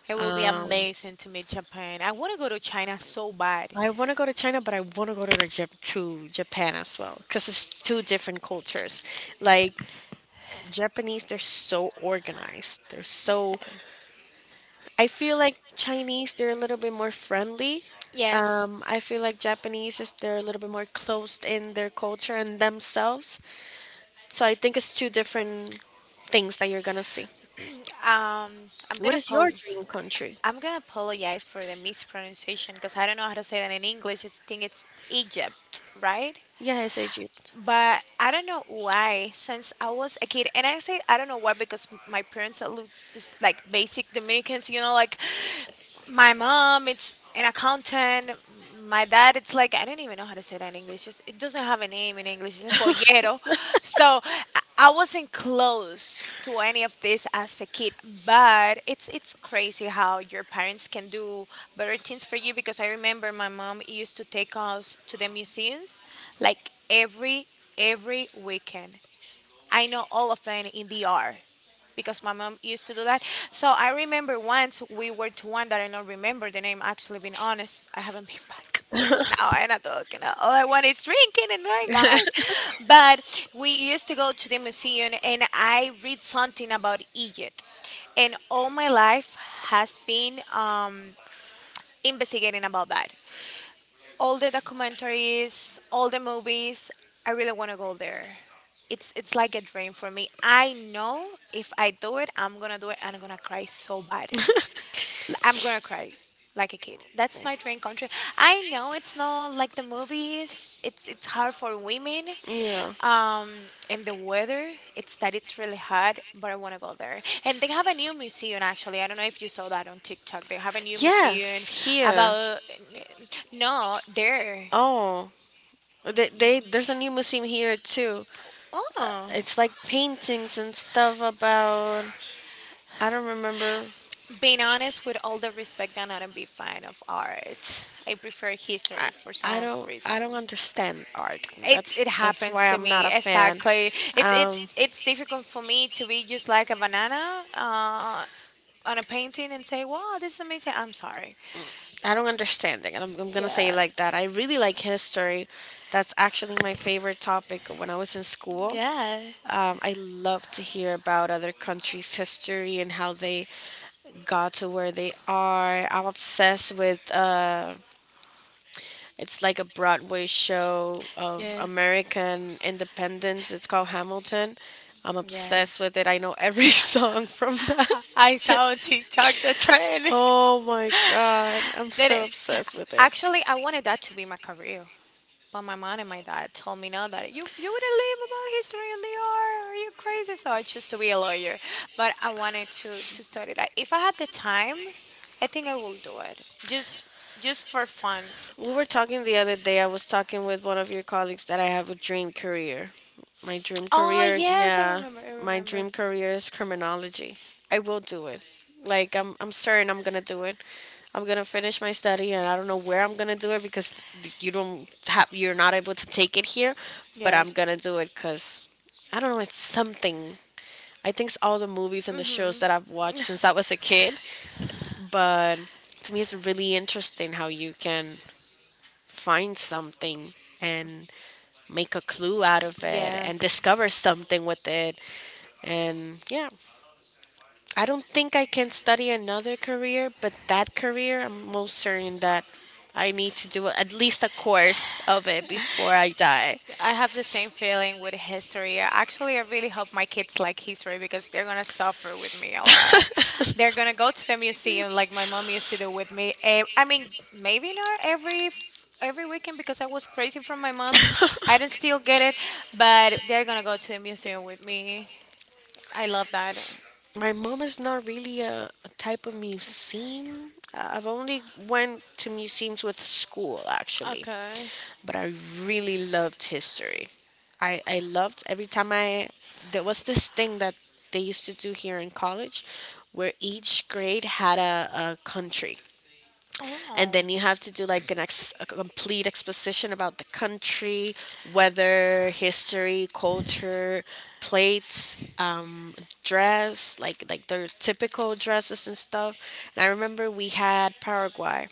A: it will be
B: Um,
A: amazing to meet Japan. I want to go to China so bad.
B: I want to go to China, but I want to go to to Japan as well because it's two different cultures. Like Japanese, they're so organized. They're so. I feel like Chinese, they're a little bit more friendly.
A: Yes,
B: I feel like Japanese is they're a little bit more closed in their culture and themselves. So I think it's two different things that you're gonna see.
A: um, I'm
B: What
A: gonna
B: is your
A: pol-
B: dream country?
A: I'm gonna apologize for the mispronunciation because I don't know how to say that in English. I think it's Egypt, right?
B: Yes, Egypt.
A: But I don't know why, since I was a kid, and I say I don't know why because my parents are looks just like basic Dominicans, you know, like my mom, it's an accountant. My dad, it's like I don't even know how to say that in English. It's, it doesn't have a name in English. It's a pollero. So I wasn't close to any of this as a kid, but it's crazy how your parents can do better things for you because I remember my mom used to take us to the museums like every weekend. I know all of them in DR because my mom used to do that. So I remember once we were to one that I don't remember the name. Actually, being honest, I haven't been back because now I'm not talking. Uh, all I want is drinking and going out. But we used to go to the museum and I read something about Egypt, and all my life has been investigating about that, all the documentaries, all the movies. I really want to go there. It's like a dream for me. I know if I do it, I'm gonna do it, and I'm gonna cry so bad. I'm gonna cry like a kid. That's my dream country. I know it's not like the movies. It's hard for women,
B: Yeah.
A: um, and the weather. It's really hot, but I want to go there. And they have a new museum actually. I don't know if you saw that on TikTok. They have a new museum
B: Yes, here.
A: about no there.
B: Oh, they there's a new museum here too.
A: Oh,
B: It's like paintings and stuff about I don't remember.
A: being honest, with all the respect, I'm not a big fan of art. I prefer
B: I,
A: history for
B: I
A: some
B: don't
A: reason.
B: I don't understand art.
A: It
B: That's
A: it
B: that's
A: happens
B: why
A: to
B: I'm not
A: me
B: a fan.
A: exactly. It's it's
B: Um,
A: it's difficult for me to be just like a banana on a painting and say, "Wow, this is amazing." I'm sorry.
B: I don't understand it, and I'm gonna say it
A: Yeah,
B: like that. I really like history. That's actually my favorite topic when I was in school.
A: yeah,
B: I love to hear about other countries' history and how they got to where they are. I'm obsessed with, it's like a Broadway show of
A: yeah,
B: American independence. It's called Hamilton. I'm
A: yeah.
B: obsessed with it. I know every song from that.
A: I saw on TikTok the trend
B: Oh my god, I'm
A: that
B: so
A: it,
B: obsessed with it.
A: actually I wanted that to be my career. But my mom and my dad told me no that you wouldn't live about history and the art. Are you crazy? So I chose to be a lawyer. But I wanted to study that. If I had the time, I think I will do it. Just for fun.
B: We were talking the other day. I was talking with one of your colleagues that I have a dream career. My dream
A: Oh
B: career,
A: yes, I
B: yeah,
A: remember. I
B: my
A: remember.
B: dream career is criminology. I will do it. Like I'm certain I'm going to do it. I'm going to finish my study and I don't know where I'm going to do it because th- you don't have you're not able to take it here, but I'm
A: Yes.
B: going to do it cuz I don't know, it's something. I think it's all the movies and the shows
A: Mhm.
B: that I've watched since I was a kid, but to me it's really interesting how you can find something and make a clue out of it and
A: Yes.
B: discover something with it. And yeah, I don't think I can study another career, but that career, I'm most certain that I need to do at least a course of it before I die.
A: I have the same feeling with history. Actually, I really hope my kids like history because they're gonna suffer with me a lot. They're gonna go to the museum like my mom used to do with me. Eh, I mean, maybe not every weekend because I was crazy from my mom. I didn't still get it, but they're gonna go to the museum with me. I love that.
B: My mom is not really a type of museum. I've only went to museums with school actually,
A: Okay.
B: but I really loved history. I loved every time I there was this thing that they used to do here in college where each grade had a country and
A: Oh,
B: then you have to do like a complete exposition about the country, weather, history, culture, plates, dress, like their typical dresses and stuff. And I remember we had Paraguay.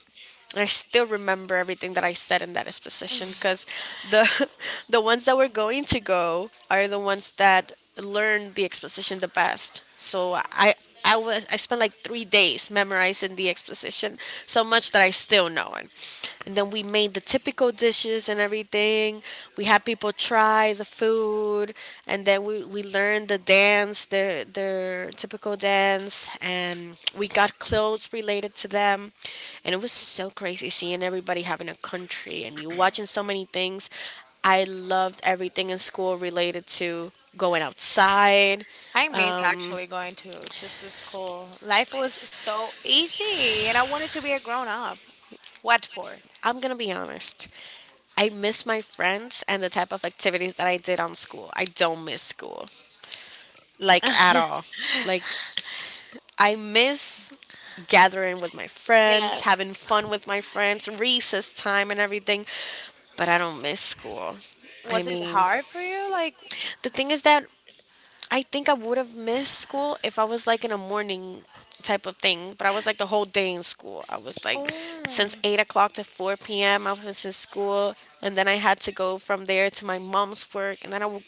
B: I still remember everything that I said in that exposition because the the ones that were going to go are the ones that learned the exposition the best. So I spent like 3 days memorizing the exposition so much that I still know it. And then we made the typical dishes and everything. We had people try the food, and then we learned the dance, their typical dance, and we got clothes related to them, and it was so crazy seeing everybody having a country and you watching so many things. I loved everything in school related to going outside.
A: I miss
B: um,
A: actually going to school. Life was so easy, and I wanted to be a grown up. What for?
B: i'm gonna be honest, I miss my friends and the type of activities that I did on school. I don't miss school, like at all. Like I miss gathering with my
A: Yeah.
B: friends, having fun with my friends, recess time and everything, but I don't miss school. I
A: Was it
B: mean,
A: hard for you? Like,
B: the thing is that I think I would have missed school if I was like in a morning type of thing, but I was like the whole day in school. I was like
A: oh,
B: since 8 o'clock to 4 p.m. I was in school, and then I had to go from there to my mom's work, and then I w-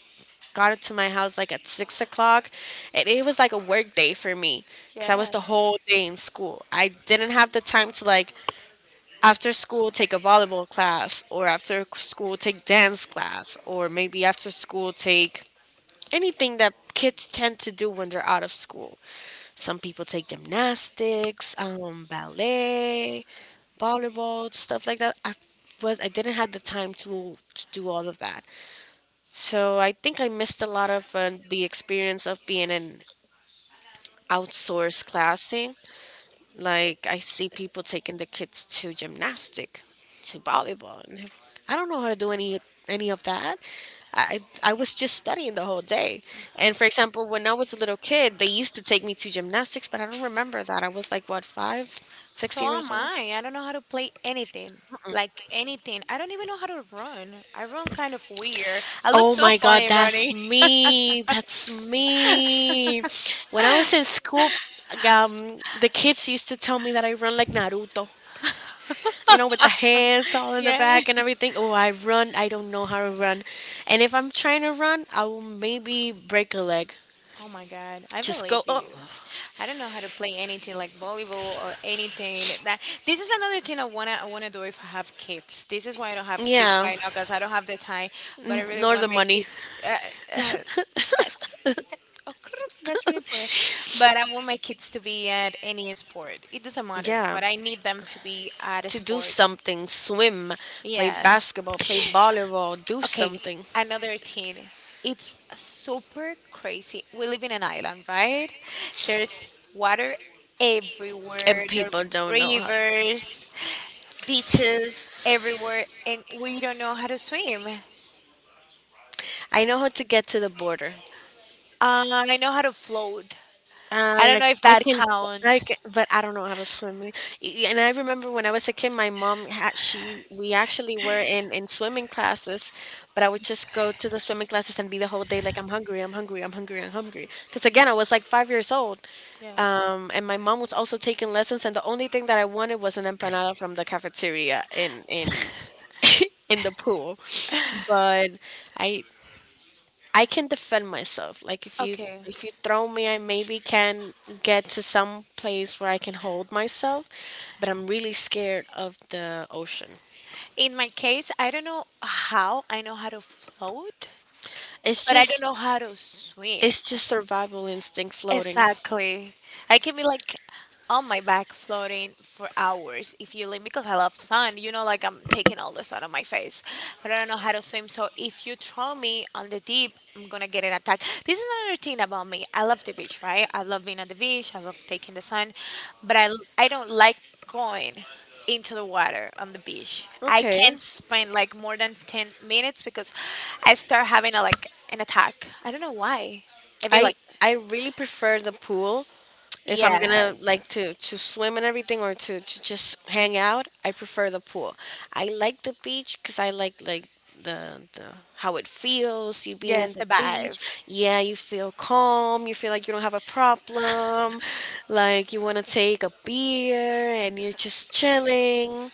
B: got it to my house like at 6 o'clock. And it was like a work day for me because I was the
A: yes.
B: whole day in school. I didn't have the time to like after school take a volleyball class, or after school take dance class, or maybe after school take anything that kids tend to do when they're out of school. Some people take gymnastics, ballet, volleyball, stuff like that. I didn't have the time to do all of that. So I think I missed a lot of the experience of being in outsourced classing like I see people taking their kids to gymnastic, to volleyball, and I don't know how to do any of that. I was just studying the whole day. And for example, when I was a little kid, they used to take me to gymnastics, but I don't remember that. I was like what 5, six
A: So am
B: years old.
A: I. I don't know how to play anything. Like anything. I don't even know how to run. I run kind of weird. I look
B: Oh
A: so
B: my God,
A: funny
B: that's
A: running.
B: me. That's me. When I was in school, the kids used to tell me that I run like Naruto, you know, with the hands all in the
A: Yeah.
B: back and everything. Oh, I run. I don't know how to run. And if I'm trying to run, I will maybe break a leg.
A: Oh my God, I
B: Just
A: believe
B: go. Oh,
A: you. I don't know how to play anything like volleyball or anything that. This is another thing I wanna do if I have kids. This is why I don't have kids
B: yeah,
A: right now because I don't have the time. But I really
B: nor
A: want
B: the
A: my
B: money.
A: kids. Uh, that's that, oh, that's really important. But I want my kids to be at any sport. It doesn't matter,
B: Yeah,
A: but I need them to be at a
B: to do
A: sport.
B: something, swim, play
A: Yeah.
B: basketball, play volleyball, do
A: Okay,
B: something.
A: another thing. It's super crazy. We live in an island, right? There's water everywhere.
B: And
A: There are
B: people don't know how to.
A: rivers, beaches everywhere, and we don't know how to swim.
B: I know how to get to the border.
A: I know how to float. I don't
B: I
A: know if
B: I
A: that
B: can I
A: counts.
B: can, but I don't know how to swim. And I remember when I was a kid, my mom had she we actually were in swimming classes, but I would just go to the swimming classes and be the whole day like I'm hungry, I'm hungry, I'm hungry, I'm hungry. Because again, I was like 5 years old,
A: Yeah.
B: and my mom was also taking lessons, and the only thing that I wanted was an empanada from the cafeteria in in the pool. But I I can defend myself. Like
A: Okay.
B: if you throw me, I maybe can get to some place where I can hold myself, but I'm really scared of the ocean.
A: In my case, I don't know how I know how to float,
B: It's
A: but I don't
B: just
A: know how to swim.
B: it's just survival instinct floating.
A: Exactly. I can be like on my back floating for hours if you leave me, because I love sun. You know, like I'm taking all the sun on my face, but I don't know how to swim. So if you throw me on the deep, I'm gonna get an attack. This is another thing about me. I love the beach, right? I love being at the beach. I love taking the sun, but I don't like going into the water on the beach. I
B: Okay.
A: can't spend like more than 10 minutes because I start having a like an attack. I don't know why. Maybe
B: I
A: like
B: I really prefer the pool if I'm gonna
A: yes.
B: like to swim and everything or to just hang out, I prefer the pool. I like the beach because I like the how it feels you being in
A: Yes,
B: the
A: the
B: beach.
A: vibes.
B: Yeah, you feel calm. You feel like you don't have a problem. Like you want to take a beer and you're just chilling.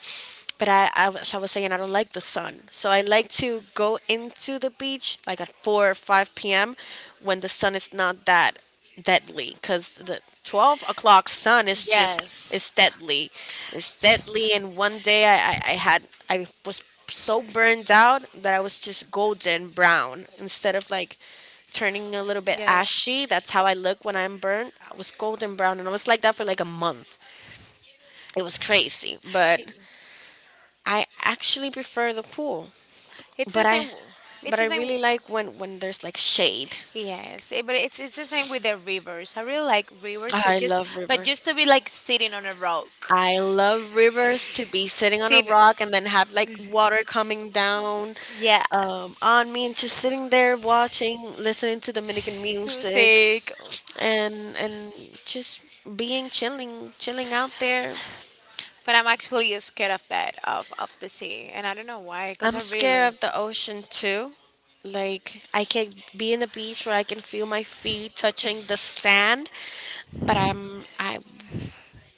B: But I was saying, I don't like the sun. So I like to go into the beach like at 4 or 5 p.m. when the sun is not that deadly because the 12 o'clock sun is just is
A: Yes.
B: deadly, it's deadly. And one day I had I was so burned out that I was just golden brown instead of like turning a little bit
A: Yes.
B: ashy. That's how I look when I'm burnt. I was golden brown and I was like that for like a month. It was crazy. But
A: It,
B: I actually prefer the pool,
A: it's
B: but
A: the same.
B: i but
A: It's
B: I
A: the same.
B: really like when there's like shade.
A: Yes, eh, but it's the same with the rivers. I really like rivers,
B: I love
A: but just
B: rivers.
A: to be like sitting on a rock.
B: I love rivers to be sitting on a
A: Sitting.
B: rock and then have like water coming down on
A: Yes.
B: me and just sitting there watching, listening to Dominican music
A: Music.
B: and just being chilling, chilling out there.
A: But I'm actually scared of that of the sea, and I don't know why. Because
B: I'm
A: I really.
B: scared of the ocean too. Like I can be in the beach where I can feel my feet touching the
A: Yes.
B: sand, but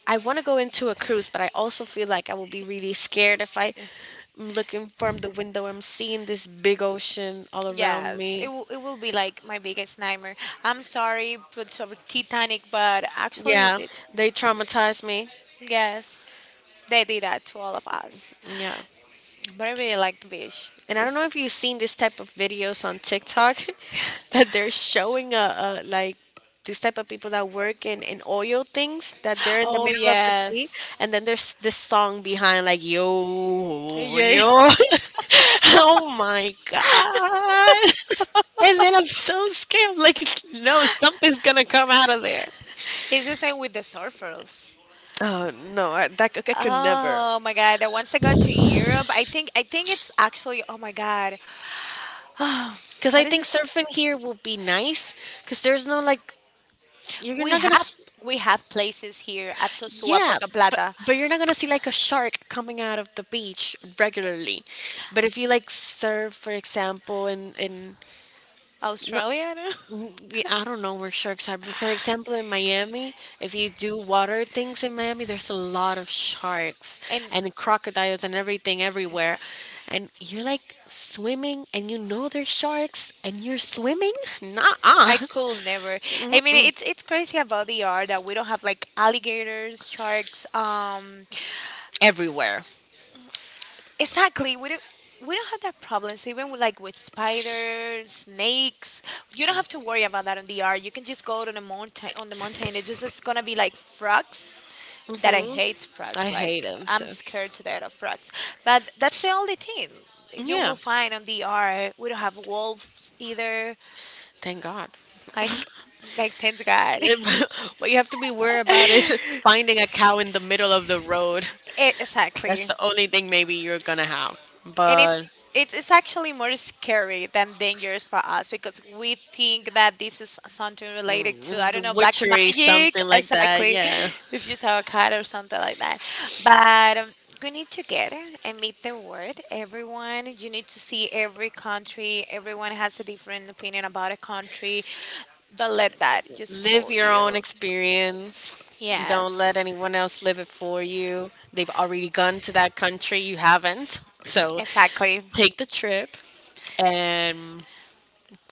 B: I want to go into a cruise, but I also feel like I will be really scared if I am looking from the window. I'm seeing this big ocean all around
A: Yes, it
B: me.
A: will, it will be like my biggest nightmare. I'm sorry, but sort of Titanic, but actually,
B: Yeah, they
A: it's
B: traumatize me.
A: yes, they did that to all of us.
B: Yeah.
A: But I really liked Vish.
B: And I don't know
A: If
B: if you've seen this type of videos on TikTok that they're showing like this type of people that work in oil things that they're in the
A: oh
B: middle of the sea. And then
A: yes,
B: there's this song behind like yo
A: yeah,
B: yo oh my god and then I'm so scared. I'm like no, something's gonna come out of there.
A: it's the same with the surfers.
B: Oh no, I, that I could never.
A: Oh my god, that once I got to Europe, I think it's actually oh my god,
B: Because
A: how
B: I
A: does
B: think
A: this?
B: surfing here will be nice because there's no like you're
A: We
B: not gonna
A: have
B: s-
A: we have places here at Sosua,
B: yeah,
A: Puerto
B: but
A: Plata,
B: but you're not gonna see like a shark coming out of the beach regularly. But if you like surf, for example, in not,
A: Australia, I
B: mm, I don't know where sharks are, but for example in Miami, if you do water things in Miami, there's a lot of sharks
A: and
B: and crocodiles and everything everywhere, and you're like swimming and you know there's sharks and you're swimming. Nah,
A: I could never. I mean, it's crazy about the art that we don't have like alligators, sharks,
B: everywhere.
A: exactly. We don't have that problems even with like with spiders, snakes. You don't have to worry about that on the R. You can just go to the mountain on the mountain. It's just it's gonna be like frogs. That I
B: Hmm.
A: hate
B: I
A: frogs. Like
B: hate them
A: I'm
B: too.
A: scared to death of frogs. But that's the only thing you
B: Yeah,
A: will find on the R. We don't have wolves either.
B: thank God.
A: Like like thanks God.
B: What you have to be worried about is finding a cow in the middle of the road. That's
A: Exactly.
B: the only thing maybe you're gonna have.
A: And
B: But
A: it's actually more scary than dangerous for us because we think that this is something related to
B: mm,
A: I don't
B: the
A: know black
B: witchery,
A: magic
B: something like that,
A: exactly
B: yeah.
A: if you saw a cat or something like that but we need to get and meet the world, everyone. You need to see every country. Everyone has a different opinion about a country. Don't let that just
B: Live
A: fool
B: your
A: you.
B: own experience. Don't let
A: Yes,
B: anyone else live it for you. They've already gone to that country, you haven't. So
A: exactly.
B: take the trip and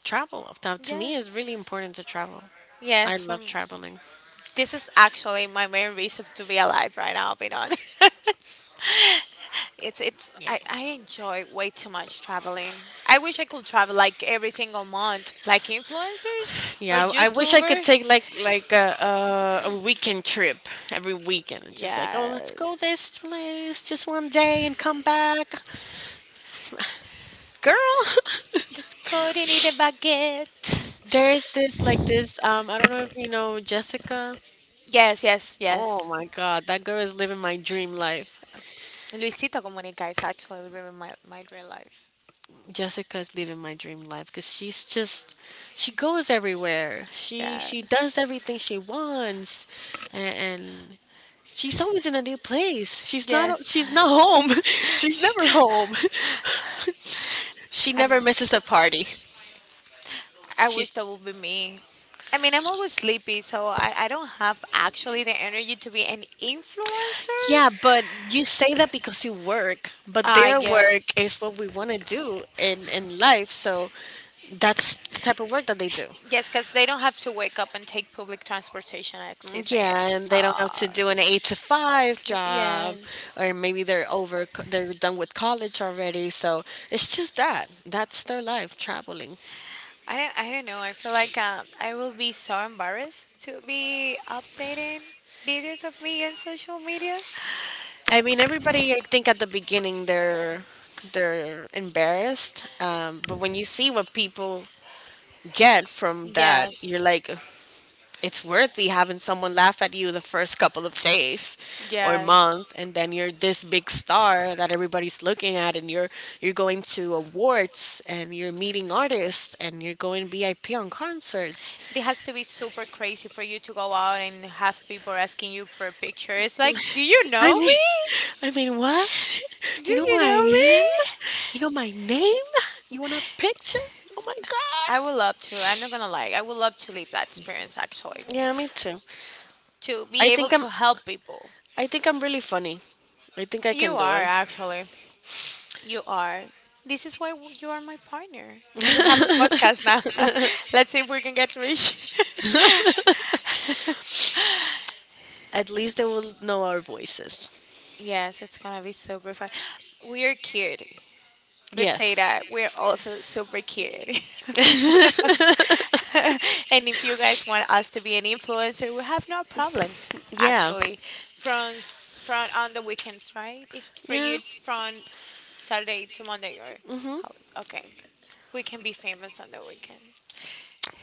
B: travel. Now, to me, it's
A: Yes,
B: really important to travel. I
A: yes for
B: love
A: me.
B: traveling.
A: This is actually my main reason to be alive right now, being honest. It's
B: Yeah.
A: I enjoy way too much traveling. I wish I could travel like every single month, like influencers or
B: Yeah, I wish I could
A: YouTuber.
B: take like a weekend trip every weekend and just like, oh, let's go
A: Yes.
B: this place just one day and come back, girl.
A: Let's go to eat a baguette.
B: There's this I don't know if you know Jessica.
A: Yes, yes,
B: Oh
A: yes.
B: my God, that girl is living my dream life.
A: Luisito Comunica is actually living my real life.
B: Jessica is living my dream life because she goes everywhere.
A: Yeah.
B: She does everything she wants, and, and she's always in a new place.
A: Yes.
B: She's not home. She's never home. She
A: I'm.
B: never misses a party.
A: I wish
B: She's
A: that would be me. I mean, I'm always sleepy, so I don't have actually the energy to be an influencer.
B: yeah, but you say that because you work, but
A: I
B: their
A: get
B: work is what we want to do in life, so that's the type of work that they do.
A: yes, because they don't have to wake up and take public transportation at 6 a.m.
B: Yeah, and
A: So
B: they don't have to do an eight to five job,
A: yes,
B: or maybe they're done with college already. So it's just that. That's their life, traveling.
A: I don't know. I feel like I will be so embarrassed to be updating videos of me on social media.
B: I mean, everybody, I think at the beginning they're embarrassed, but when you see what people get from that,
A: Yes,
B: you're like, it's worthy having someone laugh at you the first couple of days or
A: yes.
B: month, and then you're this big star that everybody's looking at, and you're going to awards and you're meeting artists and you're going VIP on concerts,
A: It has to be super crazy for you to go out and have people asking you for pictures. Like, do you
B: I
A: know
B: mean
A: me?
B: I mean, what?
A: Do
B: You know who
A: you
B: I
A: know me?
B: am? You know my name? You want a picture? Oh my
A: I
B: god.
A: would love to. I'm not gonna lie. I would love to live that experience actually.
B: Yeah, me too.
A: To
B: I
A: be able
B: think I'm
A: to help people.
B: I think I'm really funny. I think I
A: You
B: can do
A: are
B: it.
A: actually. You are. This is why you are my partner. And we have a podcast now. Let's see if we can get rich.
B: At least they will know our voices.
A: yes, it's gonna be super fun. We're cute. Let's say
B: Yes.
A: that. We're also super cute. and if you guys want us to be an influencer, we have no problems
B: Yeah.
A: actually. From on the weekends, right? If for you
B: Yeah.
A: it's from Saturday to Monday or
B: Hmm.
A: how is okay. We can be famous on the weekend.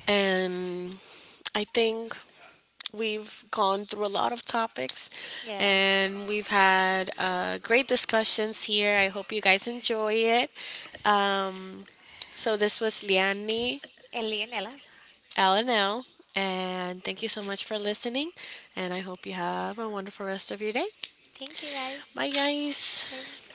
B: And I think We've gone through a lot of topics
A: Yes.
B: and we've had great discussions here. I hope you guys enjoy it. Um, so, this was Liani
A: And Leonela.
B: LNL, and L, and thank you so much for listening. And I hope you have a wonderful rest of your day.
A: Thank you
B: Bye,
A: guys.
B: guys.
A: Bye.